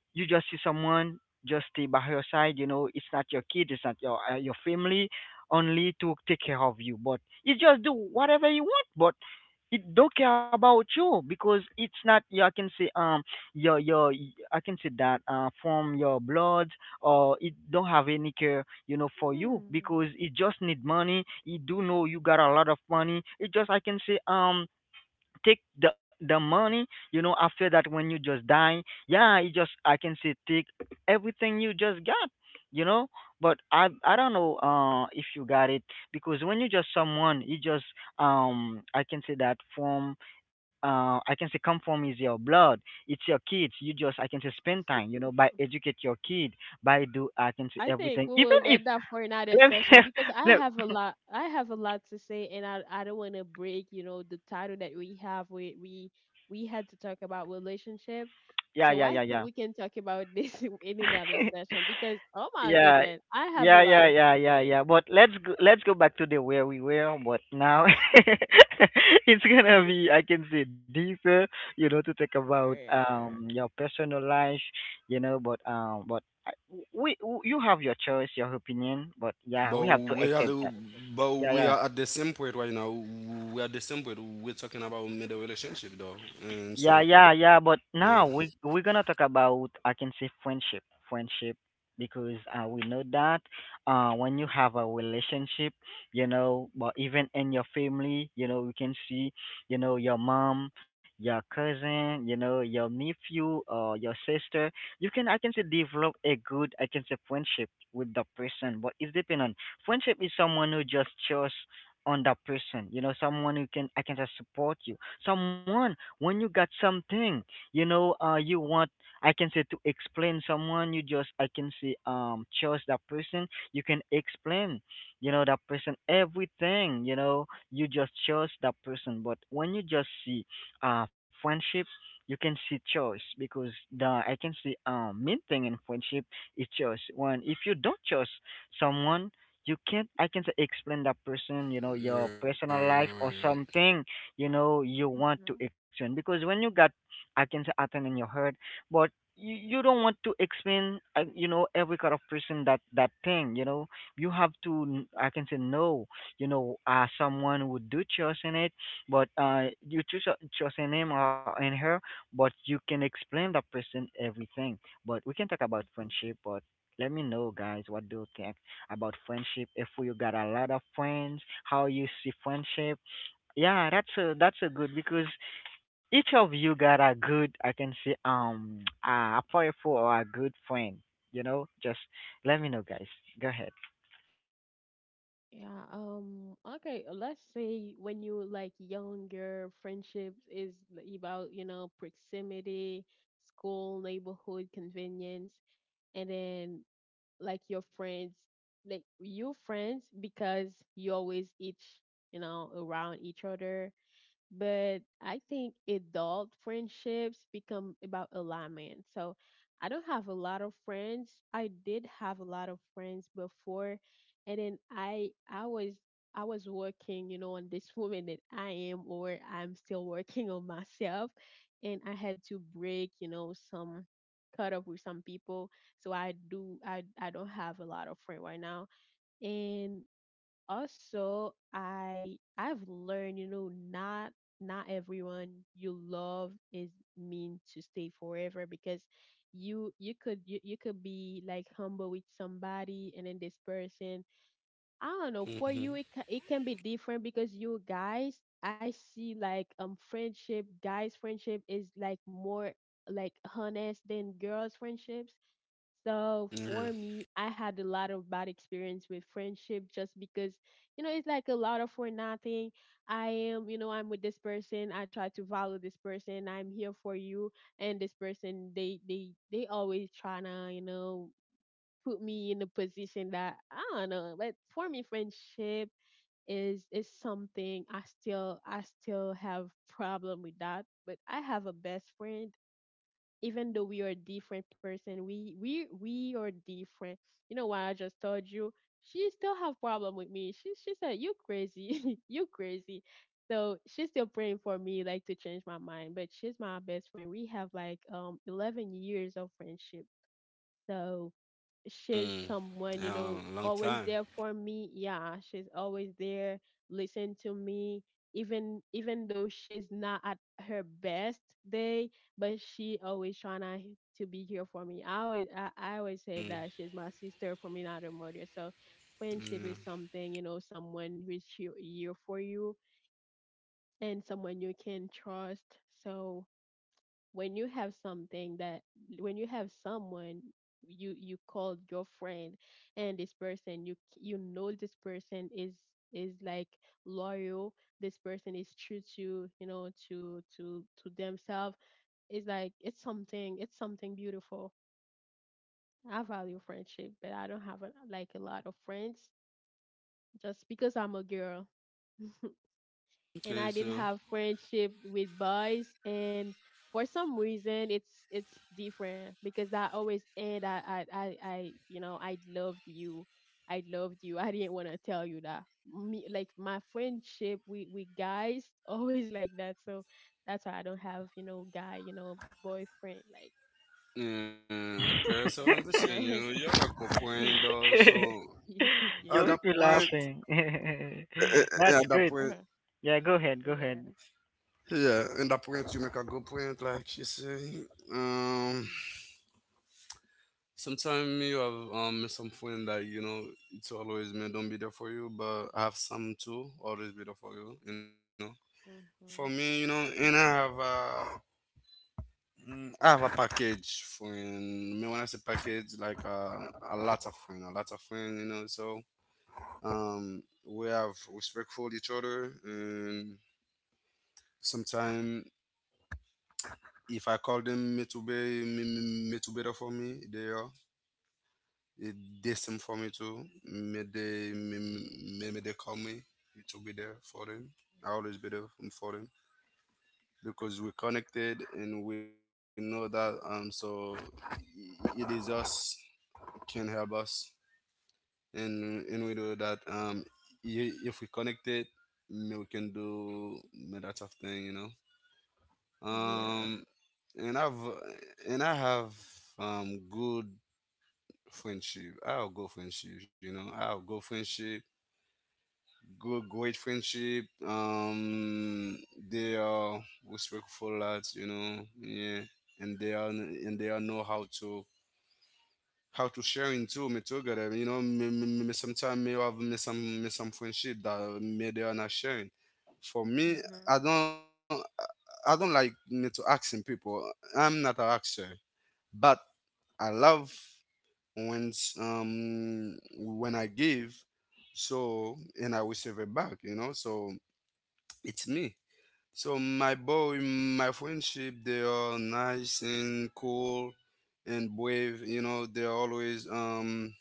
[SPEAKER 2] you just see someone just stay by your side. You know it's not your kid. It's not your your family. Only to take care of you, but you just do whatever you want, but it don't care about you because it's not. Yeah, I can say your I can say that from your blood or it don't have any care, you know, for you
[SPEAKER 1] Hmm.
[SPEAKER 2] because it just need money. It do know you got a lot of money. It just I can say take the money, you know. After that, when you just die, yeah, you just I can say take everything you just got, you know. But I don't know if you got it because when you just someone you just I can say that from I can say come from is your blood. It's your kids. You just I can say spend time, you know, by educate your kid, by do I can say
[SPEAKER 1] I think
[SPEAKER 2] everything.
[SPEAKER 1] we
[SPEAKER 2] Even
[SPEAKER 1] will
[SPEAKER 2] if
[SPEAKER 1] let that for another
[SPEAKER 2] let me
[SPEAKER 1] session, because I
[SPEAKER 2] let,
[SPEAKER 1] have a lot I have a lot to say, and I don't want to break, the title that we have. We had to talk about relationship.
[SPEAKER 2] yeah yeah
[SPEAKER 1] So I
[SPEAKER 2] yeah
[SPEAKER 1] think we can talk about this in another session, because oh my
[SPEAKER 2] yeah
[SPEAKER 1] goodness, I have a
[SPEAKER 2] yeah yeah
[SPEAKER 1] lot
[SPEAKER 2] yeah
[SPEAKER 1] of to
[SPEAKER 2] yeah yeah
[SPEAKER 1] say.
[SPEAKER 2] yeah but let's go back to the where we were but now it's gonna be I can say deeper, you know, to talk about
[SPEAKER 1] Yeah.
[SPEAKER 2] your personal life, you know, but I- we, w you have your choice, your opinion, but yeah,
[SPEAKER 3] but
[SPEAKER 2] we have to
[SPEAKER 3] we are
[SPEAKER 2] accept
[SPEAKER 3] the,
[SPEAKER 2] that.
[SPEAKER 3] but
[SPEAKER 2] yeah
[SPEAKER 3] we
[SPEAKER 2] yeah.
[SPEAKER 3] are at the same point right now. We are at the same point. We're talking about middle relationship though. And
[SPEAKER 2] Yeah,
[SPEAKER 3] so,
[SPEAKER 2] yeah, yeah. But
[SPEAKER 3] um,
[SPEAKER 2] now we we're gonna talk about I can say friendship, friendship, because we know that when you have a relationship, you know, but even in your family, you know, we can see, you know, your mom, your cousin, you know, your nephew or your sister. You can I can say develop a good I can say friendship with the person, but it's depend on friendship is someone who just chose on that person, you know, someone who can I can just support you, someone when you got something, you know, you want I can say to explain someone, you just I can say trust that person. You can explain, you know, that person everything, you know, you just trust that person. But when you just see friendship, you can see choice because the I can see main thing in friendship is choice. When if you don't trust someone, you can't I can say explain that person, you know,
[SPEAKER 3] yeah,
[SPEAKER 2] your
[SPEAKER 3] you're
[SPEAKER 2] personal
[SPEAKER 3] right, you're
[SPEAKER 2] life
[SPEAKER 3] right.
[SPEAKER 2] or something. You know, you want to
[SPEAKER 1] Hmm.
[SPEAKER 2] explain because when you got I can say atten in your heart, but you don't want to explain you know, every kind of person that that thing, you know. You have to n- I can say no, you know, someone would do trust in it, but you choose a- trust in him or in her, but you can explain that person everything. But we can talk about friendship. But let me know, guys, what do you think about friendship? If you got a lot of friends, how you see friendship? Yeah, that's a good because each of you got a good I can say a powerful or a good friend. You know, just let me know, guys. Go ahead.
[SPEAKER 1] Yeah, okay, let's say when you were, like younger, friendships is about, you know, proximity, school, neighborhood, convenience. And then, like, your friends, like you friends, because you always each around each other. But I think adult friendships become about alignment. So I don't have a lot of friends. I did have a lot of friends before, and then I was working, on this woman that I am, or I'm still working on myself, and I had to break, some cut up with some people. So I do I don't have a lot of friends right now. And also I've learned, not everyone you love is mean to stay forever, because you could be like humble with somebody, and then this person, I don't
[SPEAKER 3] Mm-hmm.
[SPEAKER 1] know, for you it can be different, because you guys, I see like friendship guys friendship is like more like honest than girls friendships. So
[SPEAKER 3] Yeah.
[SPEAKER 1] for me, I had a lot of bad experience with friendship, just because, it's like a lot of for nothing. I am, I'm with this person. I try to value this person. I'm here for you. And this person, they always trying to, put me in a position that I don't know. But for me, friendship is something I still have problem with that. But I have a best friend, even though we are different person, we are different. You know what I just told you, she still have problem with me. She said, you crazy. You crazy. So she's still praying for me like to change my mind, but she's my best friend. We have like 11 years of friendship. So
[SPEAKER 3] Mm.
[SPEAKER 1] she's
[SPEAKER 3] Yeah,
[SPEAKER 1] someone,
[SPEAKER 3] long time.
[SPEAKER 1] always there for me. Yeah, she's always there. Listen to me, even though she's not at her best day, but she always trying to be here for me. I always say
[SPEAKER 3] Mm.
[SPEAKER 1] that she's my sister for me, not a mother. So friendship
[SPEAKER 3] Yeah.
[SPEAKER 1] is something, someone who's here for you, and someone you can trust. So when you have something that when you have someone you called your friend, and this person, this person is like loyal, this person is true, to to themselves. It's something beautiful. I value friendship, but I don't have like a lot of friends, just because I'm a girl. And
[SPEAKER 3] Okay,
[SPEAKER 1] I did
[SPEAKER 3] so
[SPEAKER 1] have friendship with boys, and for some reason it's different, because that always end. I loved you. I didn't want to tell you that. Me like my friendship with we guys always like that. So that's why I don't have, guy, boyfriend, like,
[SPEAKER 3] yeah. Okay, so I
[SPEAKER 1] you know what I'm
[SPEAKER 3] understand you. You
[SPEAKER 1] saying.
[SPEAKER 3] have a good point though. So at
[SPEAKER 2] You
[SPEAKER 3] that
[SPEAKER 1] Yeah.
[SPEAKER 2] will be
[SPEAKER 3] point,
[SPEAKER 2] laughing.
[SPEAKER 3] yeah,
[SPEAKER 2] That's
[SPEAKER 3] at that
[SPEAKER 2] good.
[SPEAKER 3] point,
[SPEAKER 2] Yeah, go ahead. Go ahead.
[SPEAKER 1] Yeah.
[SPEAKER 3] yeah, at that point you make a good point. Like she say, um, sometimes you have some friend that you know it's always me don't be there for you, but I have some too always be there for you. For me,
[SPEAKER 1] Hmm.
[SPEAKER 3] and I have. I have a package friend. Me. When I say package, like, a lot of friend, a lot of friend. So, um, we have respectful each other, and sometimes if I call them me to be me to better for me, they are it, they same for me too. Me they call me to be there for them. I always be there for them because we're connected, and we know that, so it is us can help us. And we do that, if we connect it, may we can do, may that sort of thing
[SPEAKER 1] Yeah.
[SPEAKER 3] um and i've and I have, good friendship. I'll go friendship, I'll go friendship, good, great friendship, they are respectful lads, yeah. And they are and they all know how to share into me together, me, me, me sometimes may have me, some friendship that me they are not sharing for me.
[SPEAKER 1] uh
[SPEAKER 3] I don't i don't like me to asking people. I'm not an actor. But I love when, when I give so, and I receive it back, so it's me. So my boy, my friendship, they are nice and cool and brave, they're always um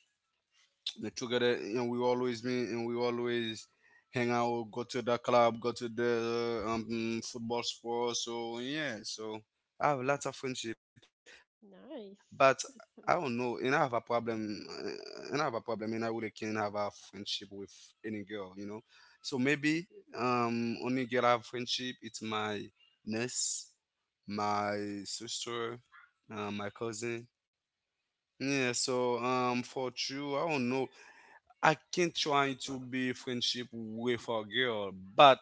[SPEAKER 3] uh, together. And we always meet, and we always hang out, go to the club, go to the, football sport, so yeah, so I have lots of friendship. But I don't
[SPEAKER 1] Nice.
[SPEAKER 3] know, and I have a problem, and I really can't have a friendship with any girl. So maybe, only girl I have friendship, it's my niece, my sister, my cousin. Yeah, so, for you I don't know. I can't try to be friendship with a girl, but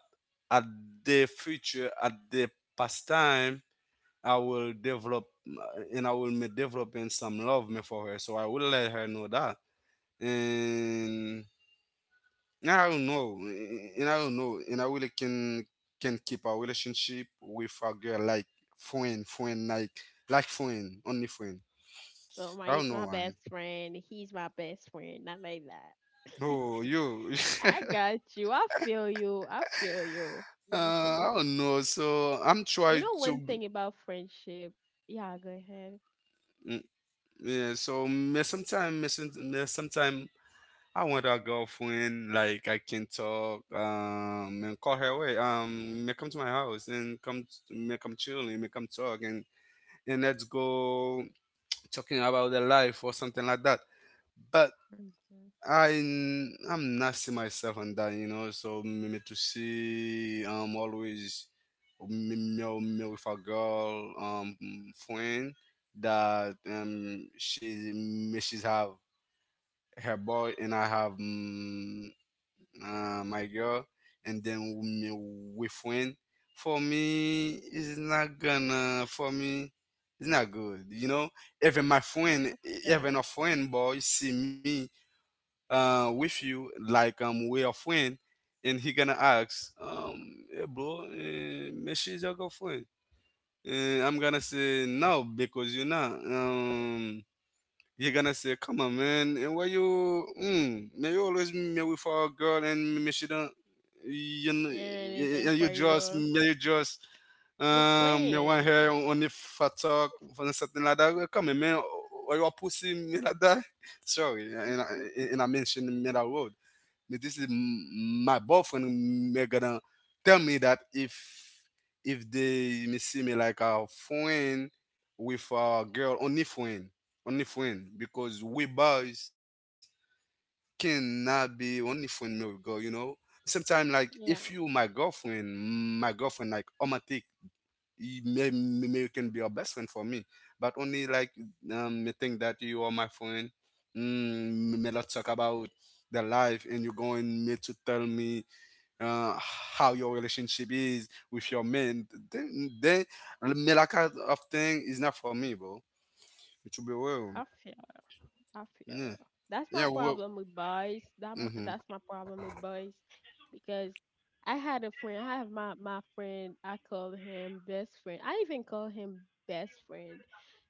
[SPEAKER 3] at the future, at the past time, I will be developing some love me for her. So I will let her know that. And I don't know, and I don't know, and I really can keep our relationship with a girl like friend, friend, like friend, only friend.
[SPEAKER 1] So my
[SPEAKER 3] I don't
[SPEAKER 1] it's
[SPEAKER 3] know
[SPEAKER 1] my
[SPEAKER 3] why.
[SPEAKER 1] best friend. He's my best friend. Not like that.
[SPEAKER 3] Oh, you.
[SPEAKER 1] I got you. I feel you. I feel you. Hmm.
[SPEAKER 3] I don't know. So I'm
[SPEAKER 1] You
[SPEAKER 3] trying
[SPEAKER 1] know one
[SPEAKER 3] to.
[SPEAKER 1] thing about friendship. Yeah, go ahead.
[SPEAKER 3] Mm. Yeah, so me sometimes, I want a girlfriend like I can talk, and call her away, may come to my house, may come chill and may come talk, and let's go talking about the life or something like that. But
[SPEAKER 1] Mm-hmm.
[SPEAKER 3] I'm not see myself on that, you know. So me to see, always me with a girl, friend, that, she's have her boy, and I have my girl, and then me with friend. For me, it's not gonna for me. It's not good. Even my
[SPEAKER 1] I
[SPEAKER 3] friend,
[SPEAKER 1] feel you.
[SPEAKER 3] even a friend boy see me, with you, like, we're a friend, and he gonna ask, hey bro, she's your girlfriend. And I'm gonna say no because you're not. You're gonna say, "Come on, man, and why you? Mm, man, you always me with for a girl, and me she don't.
[SPEAKER 1] Anything
[SPEAKER 3] You
[SPEAKER 1] for
[SPEAKER 3] just,
[SPEAKER 1] you.
[SPEAKER 3] me you just."
[SPEAKER 1] You
[SPEAKER 3] Me want
[SPEAKER 1] playing.
[SPEAKER 3] her only the fat talk for something like that. Well, come on, man, or you a pussy me like that. Sorry, and I,
[SPEAKER 1] Mhm.
[SPEAKER 3] and I mentioned me that word. This is my boyfriend. May gonna tell me that, if they me see me like a friend with a girl, only friend, because we boys cannot be only friend with girl. You know, sometimes like if you
[SPEAKER 1] Yeah,
[SPEAKER 3] my girlfriend like romantic, you may you can be your best friend for me, but only like, me think that you are my friend, may not talk about the life, and you're going me to tell me how your relationship is with your man, then me, that kind of thing is not for me, bro. It should be real.
[SPEAKER 1] I feel I feel
[SPEAKER 3] Yeah.
[SPEAKER 1] you. That's my
[SPEAKER 3] Yeah, well.
[SPEAKER 1] problem with boys. That my,
[SPEAKER 3] Mm-hmm.
[SPEAKER 1] that's my problem with boys, because I had a friend. I have my friend. I call him best friend. I even call him best friend.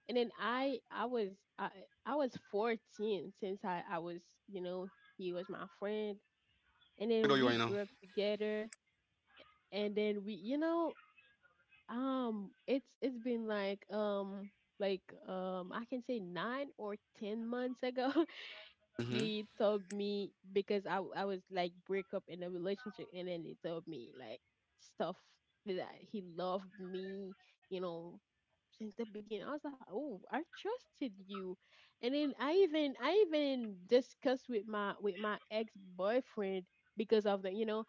[SPEAKER 1] And then I I was 14, since I was, you know, he was my friend. And
[SPEAKER 3] You know
[SPEAKER 1] then
[SPEAKER 3] you
[SPEAKER 1] we
[SPEAKER 3] right now.
[SPEAKER 1] grew up together, and then it's been like, like I can say, 9 or 10 months ago.
[SPEAKER 3] Mm-hmm.
[SPEAKER 1] He told me, because I was like break up in a relationship, and then he told me like stuff that he loved me, you know, since the beginning. I was like, oh, I trusted you. And then I even discussed with my ex boyfriend, because of the you know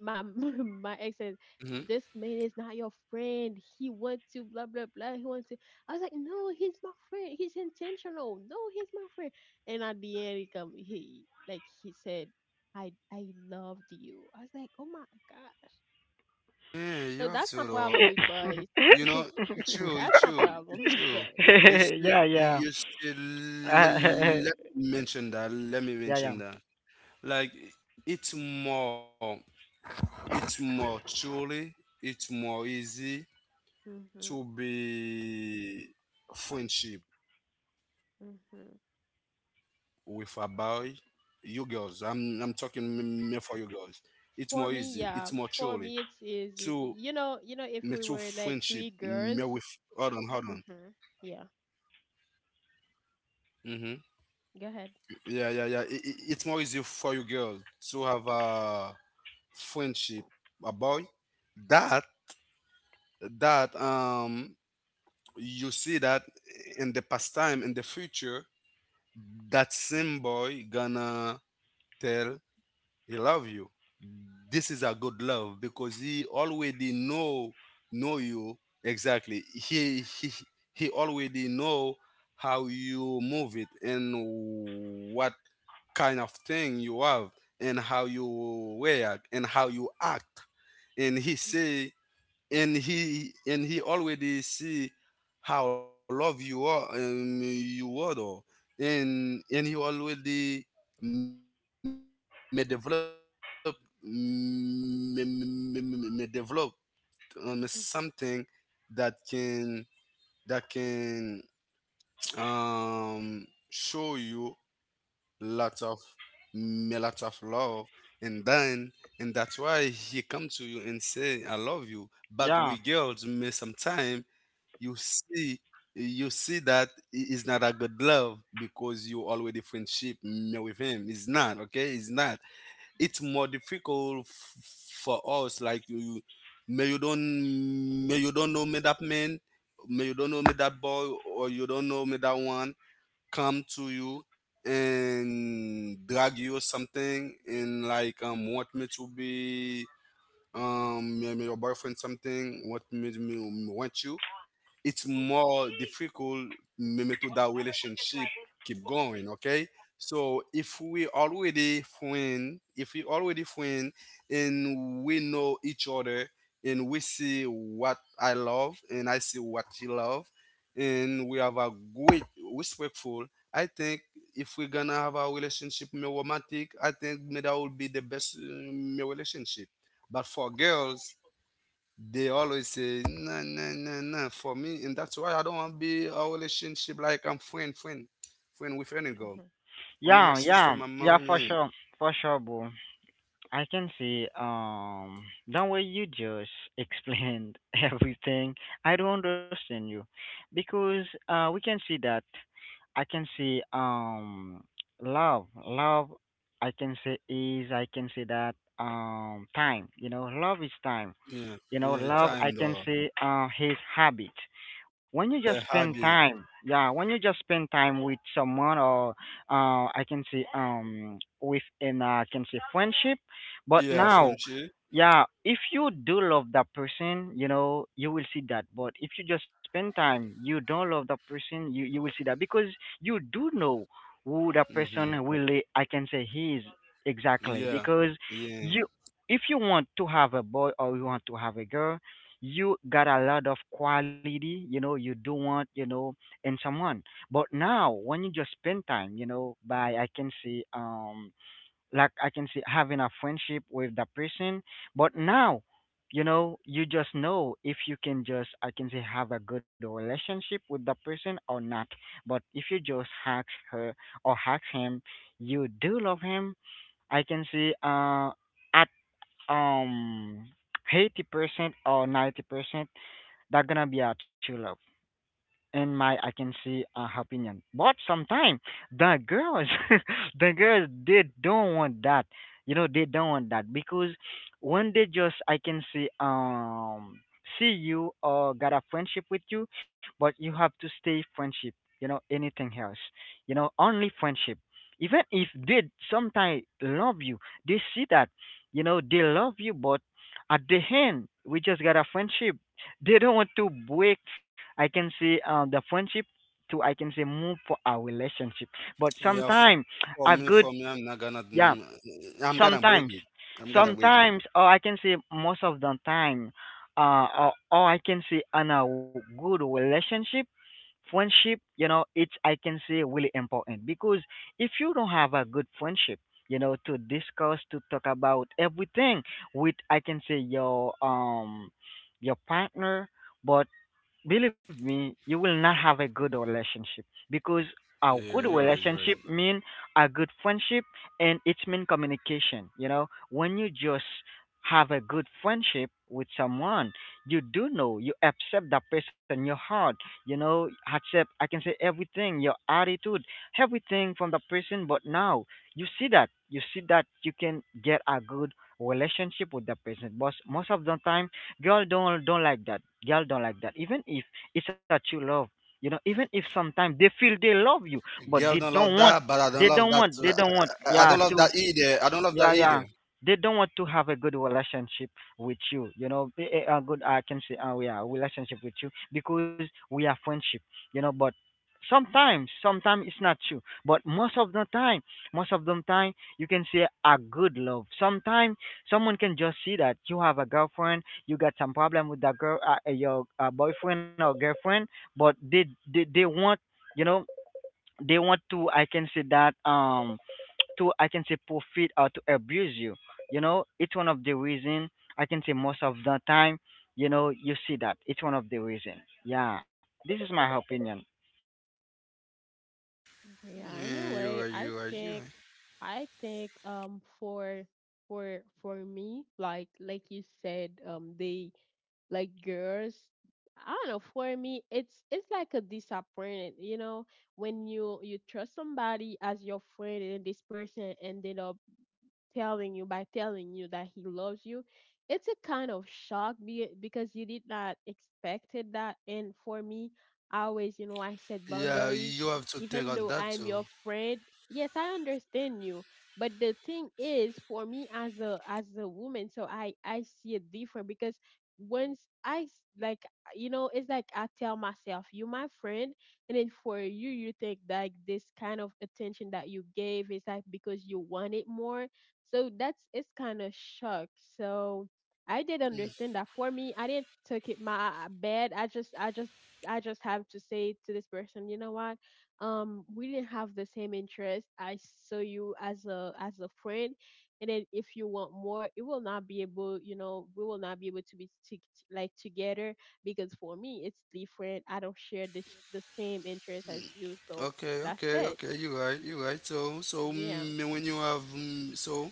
[SPEAKER 1] my my ex said,
[SPEAKER 3] Mm-hmm.
[SPEAKER 1] this man is not your friend, he wants to blah blah blah, he wants to. I was like, no, he's my friend, he's intentional, no, he's my friend. And at the end, he come, he said, "I loved you." I was like, oh my god.
[SPEAKER 3] Yeah, you
[SPEAKER 1] So
[SPEAKER 3] have
[SPEAKER 1] that's my
[SPEAKER 3] to though.
[SPEAKER 1] problem with boys.
[SPEAKER 3] You know, it's true,
[SPEAKER 1] That's
[SPEAKER 3] it's
[SPEAKER 1] my
[SPEAKER 3] true,
[SPEAKER 1] problem
[SPEAKER 3] it's
[SPEAKER 1] with
[SPEAKER 3] true. You
[SPEAKER 1] boys.
[SPEAKER 2] Yeah,
[SPEAKER 3] see,
[SPEAKER 2] yeah.
[SPEAKER 3] you see, let,
[SPEAKER 2] Uh,
[SPEAKER 3] let me mention that, let me
[SPEAKER 2] yeah, yeah,
[SPEAKER 3] mention that. Like, it's more, it's more truly, it's more easy
[SPEAKER 1] Hmm.
[SPEAKER 3] to be friendship with a
[SPEAKER 1] Hmm.
[SPEAKER 3] boy. You girls, I'm talking me for you girls. It's more easy, it's more truly
[SPEAKER 1] For me,
[SPEAKER 3] to,
[SPEAKER 1] yeah, for me it's
[SPEAKER 3] me to
[SPEAKER 1] easy. You
[SPEAKER 3] friendship,
[SPEAKER 1] know,
[SPEAKER 3] me
[SPEAKER 1] if we
[SPEAKER 3] with,
[SPEAKER 1] were
[SPEAKER 3] hold
[SPEAKER 1] like
[SPEAKER 3] on,
[SPEAKER 1] three
[SPEAKER 3] hold on.
[SPEAKER 1] girls. Hmm. Yeah,
[SPEAKER 3] Mm-hmm. Yeah, yeah, yeah.
[SPEAKER 1] go
[SPEAKER 3] It,
[SPEAKER 1] ahead.
[SPEAKER 3] it, it's more easy for you girl to have a friendship, a boy. That that you see that in the past time, in the future, that same boy gonna tell he love you. This is a good love because he already know you exactly. He already know how you move it, and what kind of thing you have, and how you react, and how you act. And he say and he and he already see how love you are though. And he already may develop, may develop
[SPEAKER 1] Hmm.
[SPEAKER 3] something that can, that can, show you lots of, lots of love. And then and that's why he come to you and say I love you. But
[SPEAKER 2] yeah,
[SPEAKER 3] we girls may sometime you see, that it's not a good love because you already friendship me with him. It's not okay. It's not, it's more difficult for us, like, you may you don't know me that man, may you don't know me that boy, or you don't know me that one, come to you and drag you or something, and like, want me to be, me your boyfriend, something, want me to me, want you. It's more difficult maybe to that relationship keep going, okay. So if we already friend, and we know each other, and we see what I love, and I see what she love, and we have a good, respectful, I think if we're gonna have a relationship more romantic, I think me that will be the best, me relationship. But for girls, they always say, no, no, no, no, for me. And that's why I don't want to be a relationship like I'm friend, friend, friend with any girl.
[SPEAKER 1] Hmm.
[SPEAKER 3] Only my sister,
[SPEAKER 2] yeah,
[SPEAKER 3] my
[SPEAKER 2] yeah,
[SPEAKER 3] mom, yeah.
[SPEAKER 2] yeah, for sure, bro. I can see the way you just explained everything. I don't understand you because we can see that I can see love I can say is I can say that time, you know. Love is time.
[SPEAKER 3] Yeah,
[SPEAKER 2] You know,
[SPEAKER 3] yeah,
[SPEAKER 2] love, I
[SPEAKER 3] time
[SPEAKER 2] can
[SPEAKER 3] though.
[SPEAKER 2] say, his habit. When you just
[SPEAKER 3] Yeah,
[SPEAKER 2] spend
[SPEAKER 3] habit.
[SPEAKER 2] time, yeah, when you just spend time with someone, or I can say, with an, I can say, friendship. But
[SPEAKER 3] Yeah,
[SPEAKER 2] now,
[SPEAKER 3] friendship.
[SPEAKER 2] yeah, if you do love that person, you know, you will see that. But if you just spend time, you don't love that person, you will see that because you do know who that person
[SPEAKER 3] Mm-hmm.
[SPEAKER 2] really, I can say, he is exactly
[SPEAKER 3] Yeah,
[SPEAKER 2] because
[SPEAKER 3] yeah,
[SPEAKER 2] you if you want to have a boy or you want to have a girl, you got a lot of quality, you know, you do want, you know, in someone. But now when you just spend time, you know, by I can see like I can see having a friendship with that person. But now, you know, you just know if you can just I can say have a good relationship with the person or not. But if you just hack her or hack him, you do love him, I can see at um 80% or 90%, that's gonna be a churro in my I can see opinion. But sometimes the girls, the girls, they don't want that. You know, they don't want that because when they just I can see see you or got a friendship with you, but you have to stay friendship. You know, anything else. You know, only friendship. Even if they sometimes love you, they see that. You know, they love you, but at the end, we just got a friendship. They don't want to break I can say the friendship to I can say move for our relationship. But
[SPEAKER 3] yeah. For,
[SPEAKER 2] sometimes a
[SPEAKER 3] for me,
[SPEAKER 2] good,
[SPEAKER 3] for me, I'm not gonna,
[SPEAKER 2] yeah,
[SPEAKER 3] mm, I'm gonna break
[SPEAKER 2] sometimes,
[SPEAKER 3] it. I'm gonna break it.
[SPEAKER 2] sometimes or I can say most of the time or I can say on a good relationship friendship, you know, it's I can say really important because if you don't have a good friendship, you know, to discuss, to talk about everything with I can say your partner, but believe me, you will not have a good relationship because a
[SPEAKER 3] Yeah,
[SPEAKER 2] good
[SPEAKER 3] you're right, you're right.
[SPEAKER 2] relationship mean a good friendship, and it's mean communication. You know, when you just have a good friendship with someone, you do know you accept that person, your heart. You know, accept. I can say everything, your attitude, everything from the person. But now you see that you can get a good relationship with the person. But most of the time girl don't like that. Girl don't like that. Even if it's a true love, you know, even if sometimes they feel
[SPEAKER 3] Girl
[SPEAKER 2] they
[SPEAKER 3] don't love
[SPEAKER 2] love you,
[SPEAKER 3] that, but I
[SPEAKER 2] but
[SPEAKER 3] don't
[SPEAKER 2] they
[SPEAKER 3] love that.
[SPEAKER 2] don't
[SPEAKER 3] Too.
[SPEAKER 2] want, they
[SPEAKER 3] I
[SPEAKER 2] don't
[SPEAKER 3] don't love
[SPEAKER 2] want, they
[SPEAKER 3] that
[SPEAKER 2] don't want,
[SPEAKER 3] either. I don't
[SPEAKER 2] yeah,
[SPEAKER 3] love that
[SPEAKER 2] to
[SPEAKER 3] either.
[SPEAKER 2] yeah, yeah. They don't want to have a good relationship with you, you know, a good, I can say, yeah, relationship with you because we are friendship, you know, but sometimes, sometimes it's not true. But most of the time, most of the time, you can say a good love. Sometimes someone can just see that you have a girlfriend, you got some problem with that girl, your boyfriend or girlfriend, but they want, you know, they want to, I can say that, to I can say profit or to abuse you. You know, it's one of the reason I can say most of the time, you know, you see that. It's one of the reason. Yeah, this is my opinion.
[SPEAKER 1] Yeah.
[SPEAKER 3] Yeah, you're
[SPEAKER 1] Anyway,
[SPEAKER 3] right, you're right, you're right.
[SPEAKER 1] I think, for me, like, you said, they, like girls, I don't know, for me it's like a disappointment, you know, when you trust somebody as your friend, and this person ended up telling you by telling you that he loves you. It's a kind of shock, because you did not expected that. And for me, I always you know I set
[SPEAKER 3] Yeah,
[SPEAKER 1] boundaries,
[SPEAKER 3] you have to think
[SPEAKER 1] even
[SPEAKER 3] on
[SPEAKER 1] though
[SPEAKER 3] that
[SPEAKER 1] I'm
[SPEAKER 3] too.
[SPEAKER 1] your friend. Yes, I understand you, but the thing is, for me, as a, woman. So I see it different, because once like, it's like, I tell myself, you my friend. And then for you think like this kind of attention that you gave is like because you want it more. So that's, it's kind of shock. So I did understand that. For me, I didn't took it my bad. I just have to say to this person, you know what? We didn't have the same interest. I saw you as a friend, and then if you want more, it will not be able. We will not be able to be like together. Because for me, it's different. I don't share the same interest as you, so
[SPEAKER 3] Okay,
[SPEAKER 1] that's
[SPEAKER 3] okay,
[SPEAKER 1] it.
[SPEAKER 3] okay. You're right. You're right. So,
[SPEAKER 1] Yeah,
[SPEAKER 3] me when you have, so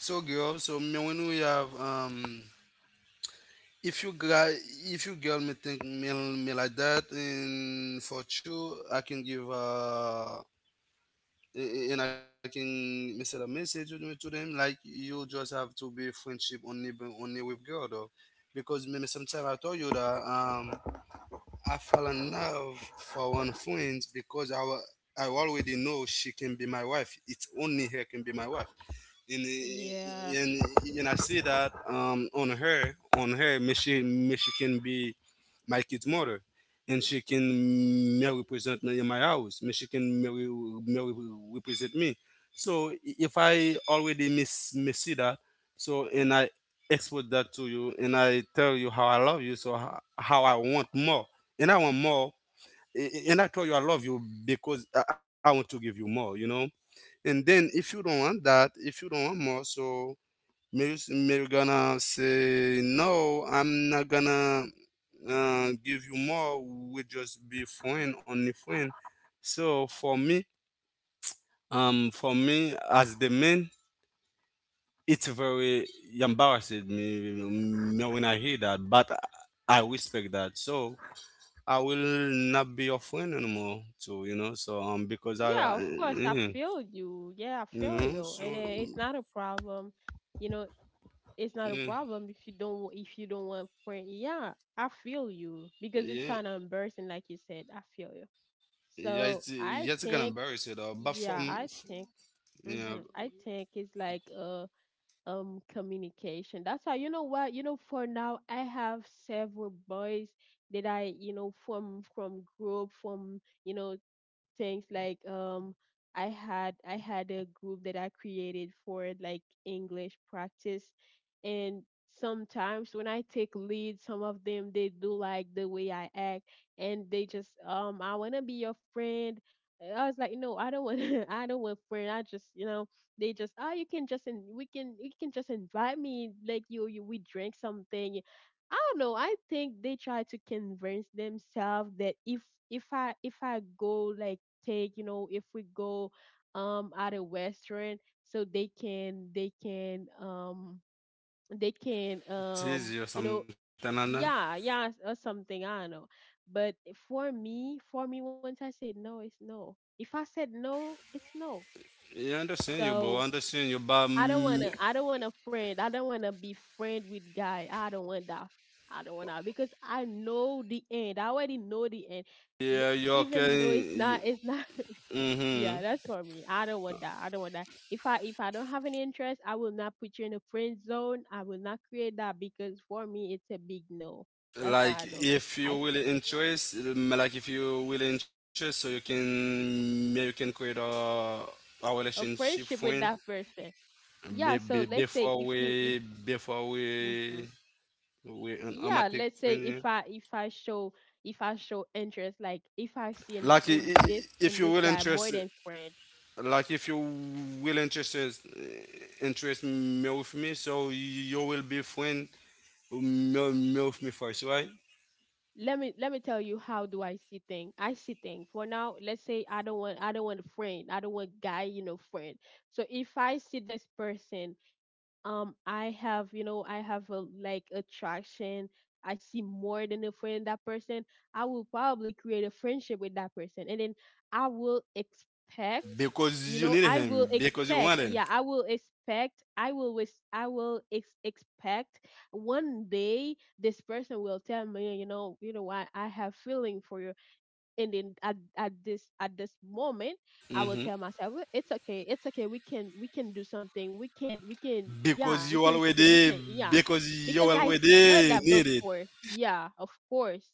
[SPEAKER 3] so girl. So me when we have. If you guy, if you girl me think me like that, and for sure I can give and I can me send a message to me to them. Like you just have to be friendship only only with girl though, because maybe me sometimes I told you that I fell in love for one friend because I already know she can be my wife. It's only her can be my wife, and
[SPEAKER 1] yeah.
[SPEAKER 3] and, and I see that on her, may she can be my kid's mother, and she can may represent me in my house. May she can may, re- Represent me. So if I already miss see that, so and I export that to you, and I tell you how I love you, so how I want more, and I want more, and I tell you I love you because I want to give you more. And then if you don't want that, if you don't want more, so Mir gonna say no. I'm not gonna give you more. We just be friend, only friend. So for me as the man, it's very embarrassing me when I hear that. But I respect that. So I will not be your friend anymore. Because
[SPEAKER 1] Yeah, of course. I feel you. Yeah, I
[SPEAKER 3] you
[SPEAKER 1] feel
[SPEAKER 3] know.
[SPEAKER 1] you.
[SPEAKER 3] So
[SPEAKER 1] And then it's
[SPEAKER 3] mm,
[SPEAKER 1] not a problem. You know, it's not a
[SPEAKER 3] yeah,
[SPEAKER 1] problem if you don't want friend. Yeah, I feel you because it's
[SPEAKER 3] yeah.
[SPEAKER 1] kind of embarrassing, like you said. I feel you.
[SPEAKER 3] Yeah, it's
[SPEAKER 1] So
[SPEAKER 3] gonna
[SPEAKER 1] I
[SPEAKER 3] embarrass you though.
[SPEAKER 1] think, yeah, I think,
[SPEAKER 3] Yeah,
[SPEAKER 1] I think it's like communication. That's how you know what you know. For now, I have several boys that I from group, from things like I had a group that I created for like English practice. And sometimes when I take lead, some of them, they do like the way I act, and they just I want to be your friend. And I was like, no, I don't want, I don't want friend. I just, they just, oh, you can just invite me, like you we drink something. I don't know. I think they try to convince themselves that if if I go like take, if we go at a restaurant, so they can, they can
[SPEAKER 3] tease
[SPEAKER 1] um
[SPEAKER 3] you
[SPEAKER 1] you know
[SPEAKER 3] something and
[SPEAKER 1] yeah, yeah, or something. I don't know. But for me, once I say no, it's no. If I said no, it's no.
[SPEAKER 3] yeah, I understand you, bro.
[SPEAKER 1] So
[SPEAKER 3] Understand you, but
[SPEAKER 1] I don't wanna. I don't want a friend. I don't wanna be friend with guy. I don't want that. I don't want that because I know the end. I already know the end. B-
[SPEAKER 3] yeah, you
[SPEAKER 1] Even though it's
[SPEAKER 3] okay.
[SPEAKER 1] not, it's not.
[SPEAKER 3] Mm-hmm.
[SPEAKER 1] Yeah, that's for me. I don't want that. I don't want that. If I don't have any interest, I will not put you in a friend zone. I will not create that because for me it's a big no. That's why
[SPEAKER 3] Like
[SPEAKER 1] I don't.
[SPEAKER 3] if you
[SPEAKER 1] I.
[SPEAKER 3] really
[SPEAKER 1] Yeah,
[SPEAKER 3] interest, so you can maybe you can create a
[SPEAKER 1] a
[SPEAKER 3] relationship
[SPEAKER 1] friendship
[SPEAKER 3] friend,
[SPEAKER 1] with that person. Yeah.
[SPEAKER 3] be,
[SPEAKER 1] So let's say if you if.
[SPEAKER 3] before
[SPEAKER 1] Mhm.
[SPEAKER 3] we an
[SPEAKER 1] Yeah,
[SPEAKER 3] romantic
[SPEAKER 1] let's say
[SPEAKER 3] friend. Yeah.
[SPEAKER 1] if I show interest, like if I see in
[SPEAKER 3] Like i-
[SPEAKER 1] in
[SPEAKER 3] i-
[SPEAKER 1] this
[SPEAKER 3] if
[SPEAKER 1] in
[SPEAKER 3] you
[SPEAKER 1] this
[SPEAKER 3] really
[SPEAKER 1] guy more
[SPEAKER 3] interested.
[SPEAKER 1] than friend.
[SPEAKER 3] Like if you will Interest me with me, so you will be friend me, me with me first, right?
[SPEAKER 1] Let me tell you how do I see thing. I see thing for now. Let's say I don't want a friend. I don't want guy, friend. So if I see this person, I have a like attraction. I see more than a friend in that person. I will probably create a friendship with that person, and then I will expect
[SPEAKER 3] Because you need
[SPEAKER 1] you know
[SPEAKER 3] him,
[SPEAKER 1] I will
[SPEAKER 3] because you want him.
[SPEAKER 1] expect yeah I will wish, I will expect one day this person will tell me, you know what, I have feeling for you. And then at this moment I will
[SPEAKER 3] hmm
[SPEAKER 1] tell myself, "Well, it's okay, we can do something. we can we can yeah
[SPEAKER 3] because
[SPEAKER 1] we
[SPEAKER 3] you
[SPEAKER 1] can create. we
[SPEAKER 3] already
[SPEAKER 1] can yeah
[SPEAKER 3] because
[SPEAKER 1] Because I saw that
[SPEAKER 3] need it.
[SPEAKER 1] before. Yeah, of course.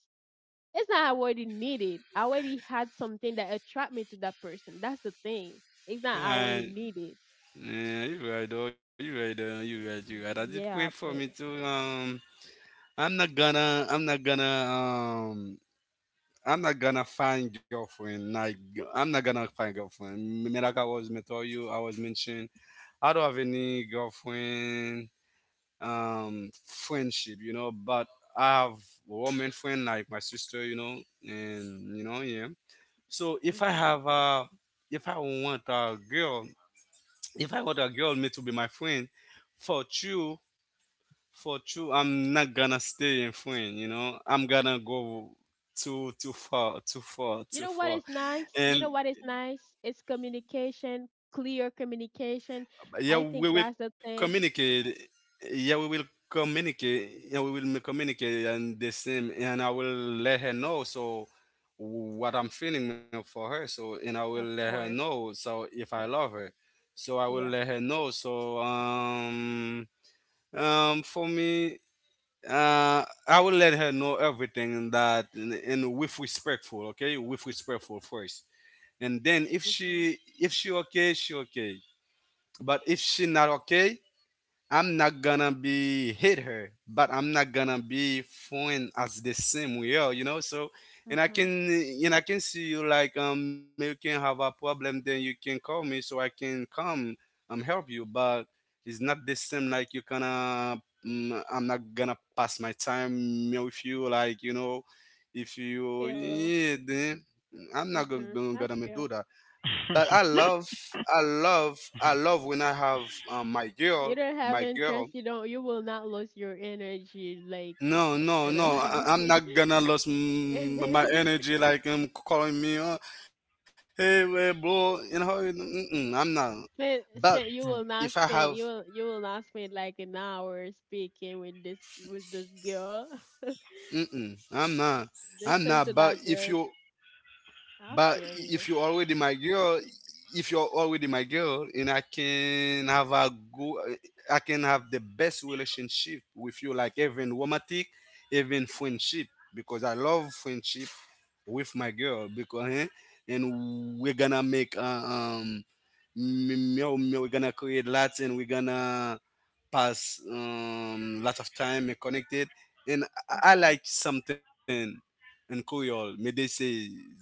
[SPEAKER 1] It's not, I already needed. I already had something that attract me to that person. That's the thing. It's not, I already
[SPEAKER 3] And
[SPEAKER 1] needed.
[SPEAKER 3] yeah, you right though you right though you right you right. I did wait for
[SPEAKER 1] Yeah,
[SPEAKER 3] me
[SPEAKER 1] but
[SPEAKER 3] to. I'm not gonna i'm not gonna um I'm not gonna find girlfriend. Like I'm not gonna find girlfriend. Like I was me tell you, I was mentioned. I don't have any girlfriend. Friendship, you know. But I have woman friend like my sister, you know, and you know, yeah. So
[SPEAKER 1] mhm.
[SPEAKER 3] if I want a girl, if I want a girl, me to be my friend, for you for true, I'm not gonna stay in France, you know, I'm gonna go too too far, too far too far
[SPEAKER 1] You know
[SPEAKER 3] And
[SPEAKER 1] what is nice It's communication, clear communication. I
[SPEAKER 3] yeah,
[SPEAKER 1] think that's
[SPEAKER 3] we
[SPEAKER 1] the
[SPEAKER 3] will
[SPEAKER 1] thing.
[SPEAKER 3] communicate, and the same, and I will let her know so what I'm feeling for her, so and I will let
[SPEAKER 1] Of
[SPEAKER 3] her
[SPEAKER 1] course.
[SPEAKER 3] know so if I love her, so I will
[SPEAKER 1] We
[SPEAKER 3] let
[SPEAKER 1] are.
[SPEAKER 3] her know. So for me, I will let her know everything, and that and with respectful, okay, with respectful first, and then if
[SPEAKER 1] Mhm.
[SPEAKER 3] she okay, she okay. But if she not okay, I'm not gonna be hit her, but I'm not gonna be fun as the same we are, you know. So, and I
[SPEAKER 1] Mm-hmm.
[SPEAKER 3] can and I can see you, like you can have a problem, then you can call me so I can come help you. But it's not the same like you gonna I'm not gonna pass my time with you, like, you know, if you,
[SPEAKER 1] Feel you.
[SPEAKER 3] yeah, then I'm not
[SPEAKER 1] Mhm. I
[SPEAKER 3] gonna
[SPEAKER 1] feel.
[SPEAKER 3] do that. But I love when I have
[SPEAKER 1] You don't have
[SPEAKER 3] my girl.
[SPEAKER 1] interest. You don't. You will not lose your energy. Like
[SPEAKER 3] No, no,
[SPEAKER 1] you
[SPEAKER 3] no. I'm
[SPEAKER 1] know.
[SPEAKER 3] not gonna lose my energy, like calling me, oh, hey, eh, bro. You know, mm-mm, I'm not. But
[SPEAKER 1] Spend, you
[SPEAKER 3] if
[SPEAKER 1] will
[SPEAKER 3] I
[SPEAKER 1] not
[SPEAKER 3] have,
[SPEAKER 1] spend, you will not spend like an hour speaking with this girl.
[SPEAKER 3] mm-mm, I'm not. I'm
[SPEAKER 1] Listen
[SPEAKER 3] not.
[SPEAKER 1] to that girl. I
[SPEAKER 3] But
[SPEAKER 1] feel
[SPEAKER 3] if
[SPEAKER 1] you.
[SPEAKER 3] you're already my girl, if you're already my girl, and I can have a go, I can have the best relationship with you, like even romantic, even friendship, because I love friendship with my girl because eh, and we're gonna make we're gonna create lots, and we're gonna pass lots of time and connected, and I
[SPEAKER 1] Hmm.
[SPEAKER 3] like something. And Creole, mais they say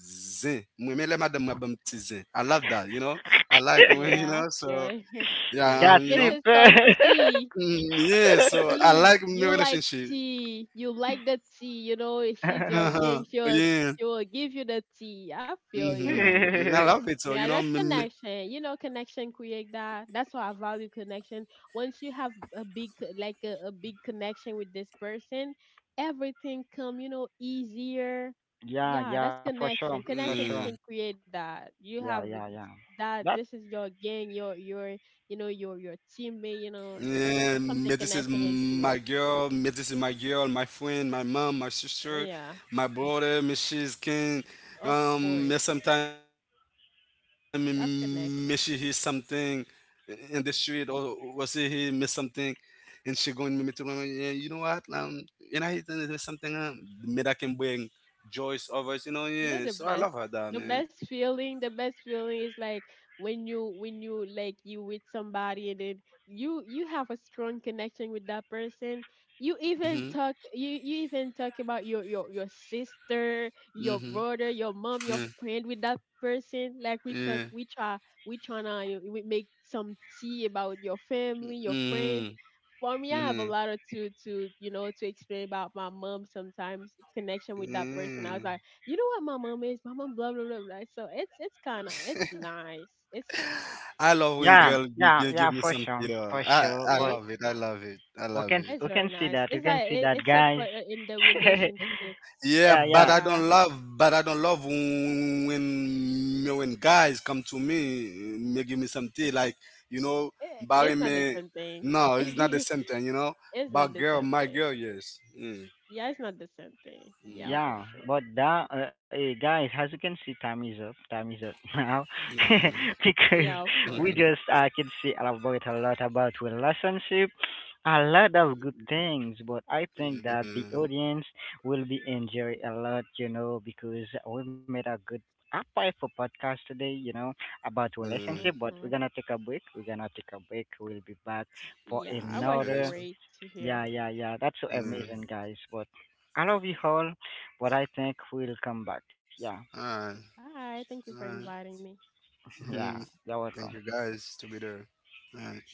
[SPEAKER 3] zin. Mwen men le madame mwen bam ti zin. I love that, you know. I like when, you know,
[SPEAKER 1] Yeah, I
[SPEAKER 3] so,
[SPEAKER 1] feel it.
[SPEAKER 3] yeah, you
[SPEAKER 1] This
[SPEAKER 3] know.
[SPEAKER 2] Gossip.
[SPEAKER 1] is called tea.
[SPEAKER 3] Yeah, so I like my relationship.
[SPEAKER 1] Tea. You like the tea. You know, if she's your
[SPEAKER 3] Uh-huh.
[SPEAKER 1] gang,
[SPEAKER 3] Yeah.
[SPEAKER 1] she will give you the tea. I feel you.
[SPEAKER 3] Mm-hmm. I love it. So,
[SPEAKER 1] Yeah,
[SPEAKER 3] you know,
[SPEAKER 1] that's connection. Connection create that. That's why I value connection. Once you have a big, like a big connection with this person, everything come easier.
[SPEAKER 2] Yeah,
[SPEAKER 1] Yeah,
[SPEAKER 2] yeah,
[SPEAKER 1] that's
[SPEAKER 2] for sure,
[SPEAKER 1] connection.
[SPEAKER 2] for sure.
[SPEAKER 1] Connection can
[SPEAKER 3] mm.
[SPEAKER 1] create that. You have
[SPEAKER 2] Yeah, yeah, yeah.
[SPEAKER 1] that. This
[SPEAKER 2] That
[SPEAKER 1] is your gang, your teammate. It's
[SPEAKER 3] Yeah, but
[SPEAKER 1] something
[SPEAKER 3] this is
[SPEAKER 1] connection can
[SPEAKER 3] my
[SPEAKER 1] create.
[SPEAKER 3] girl. But This is my girl, my friend, my mom, my sister,
[SPEAKER 1] Yeah,
[SPEAKER 3] my brother. Miss she's king.
[SPEAKER 1] of course.
[SPEAKER 3] Sometimes miss she hears
[SPEAKER 1] That's
[SPEAKER 3] something
[SPEAKER 1] connection.
[SPEAKER 3] in the street, or she hear miss something, and she going me me to remember. Yeah, you know what? And I hear something. Me that can bring joys others. You know, yeah.
[SPEAKER 1] you know
[SPEAKER 3] So
[SPEAKER 1] the
[SPEAKER 3] I love her,
[SPEAKER 1] best
[SPEAKER 3] that
[SPEAKER 1] the
[SPEAKER 3] man.
[SPEAKER 1] best feeling the best feeling is like when you like you with somebody, and then you have a strong connection with that person. you even
[SPEAKER 3] Mhm.
[SPEAKER 1] talk you you even talk about your sister, your
[SPEAKER 3] Mhm.
[SPEAKER 1] brother, your mom, your
[SPEAKER 3] Yeah.
[SPEAKER 1] friend with that person. Like we talk
[SPEAKER 3] Yeah.
[SPEAKER 1] we try we tryna you we make some tea about your family, your friends.
[SPEAKER 3] Mhm.
[SPEAKER 1] For me, I have a
[SPEAKER 3] Mm.
[SPEAKER 1] lot of to you know to explain about my mom, sometimes connection with that person. I was
[SPEAKER 3] Mm.
[SPEAKER 1] like, you know what my mom is? My mom, blah, blah, blah, blah. So it's nice. It's nice.
[SPEAKER 3] I love when
[SPEAKER 2] yeah,
[SPEAKER 3] girl
[SPEAKER 2] yeah,
[SPEAKER 3] give
[SPEAKER 2] yeah,
[SPEAKER 3] me
[SPEAKER 2] for
[SPEAKER 3] some
[SPEAKER 2] sure,
[SPEAKER 3] theater.
[SPEAKER 2] for sure.
[SPEAKER 3] I
[SPEAKER 1] Yeah,
[SPEAKER 2] But
[SPEAKER 1] it's
[SPEAKER 3] love it. I
[SPEAKER 1] nice.
[SPEAKER 3] love it. I
[SPEAKER 2] we
[SPEAKER 3] love
[SPEAKER 2] can
[SPEAKER 3] it.
[SPEAKER 1] It's
[SPEAKER 2] we
[SPEAKER 1] very
[SPEAKER 2] can see
[SPEAKER 1] nice.
[SPEAKER 2] that, we
[SPEAKER 1] It's
[SPEAKER 2] can
[SPEAKER 1] like
[SPEAKER 2] see
[SPEAKER 1] it,
[SPEAKER 2] that,
[SPEAKER 1] it's a
[SPEAKER 2] guys.
[SPEAKER 1] part in the relationship.
[SPEAKER 3] Yeah,
[SPEAKER 2] Yeah,
[SPEAKER 3] but
[SPEAKER 2] yeah.
[SPEAKER 3] I
[SPEAKER 1] Yeah.
[SPEAKER 3] don't love. But I don't love when guys come to me, me give me some tea. Like, you know,
[SPEAKER 1] It,
[SPEAKER 3] bury
[SPEAKER 1] it's not
[SPEAKER 3] me.
[SPEAKER 1] the same thing.
[SPEAKER 3] No, it's not the same thing. You know,
[SPEAKER 1] It's
[SPEAKER 3] but
[SPEAKER 1] not the
[SPEAKER 3] girl,
[SPEAKER 1] same
[SPEAKER 3] my
[SPEAKER 1] thing.
[SPEAKER 3] girl, yes. Mm.
[SPEAKER 1] Yeah, it's not the same thing. Yeah,
[SPEAKER 3] Mm.
[SPEAKER 1] for
[SPEAKER 2] Yeah,
[SPEAKER 1] sure.
[SPEAKER 2] but that hey guys, as you can see, time is up. Time is up now
[SPEAKER 3] Mm.
[SPEAKER 2] because
[SPEAKER 1] Yeah, of
[SPEAKER 3] Mm.
[SPEAKER 2] we just
[SPEAKER 1] course.
[SPEAKER 2] can see elaborate a lot about relationship, a lot of good things. But I think that
[SPEAKER 3] Mm.
[SPEAKER 2] the audience will be enjoy a lot, you know, because we've made a good apply for podcast today, you know, about
[SPEAKER 3] Mm.
[SPEAKER 2] relationship. But we're
[SPEAKER 1] Hmm.
[SPEAKER 2] gonna take a break. We're gonna take a break. We'll be back for
[SPEAKER 1] Yeah, it was
[SPEAKER 3] Okay.
[SPEAKER 2] another.
[SPEAKER 3] So.
[SPEAKER 1] great to
[SPEAKER 2] Yeah,
[SPEAKER 1] hear.
[SPEAKER 2] yeah, yeah. That's so
[SPEAKER 3] Mm.
[SPEAKER 2] amazing, guys. But I love you all. But I think we'll come back. Yeah,
[SPEAKER 3] All right.
[SPEAKER 1] Hi, thank you
[SPEAKER 3] All
[SPEAKER 1] for
[SPEAKER 3] right.
[SPEAKER 1] inviting me.
[SPEAKER 2] yeah.
[SPEAKER 3] Mm.
[SPEAKER 2] You're
[SPEAKER 3] Thank
[SPEAKER 2] welcome.
[SPEAKER 3] you guys to be there. All right.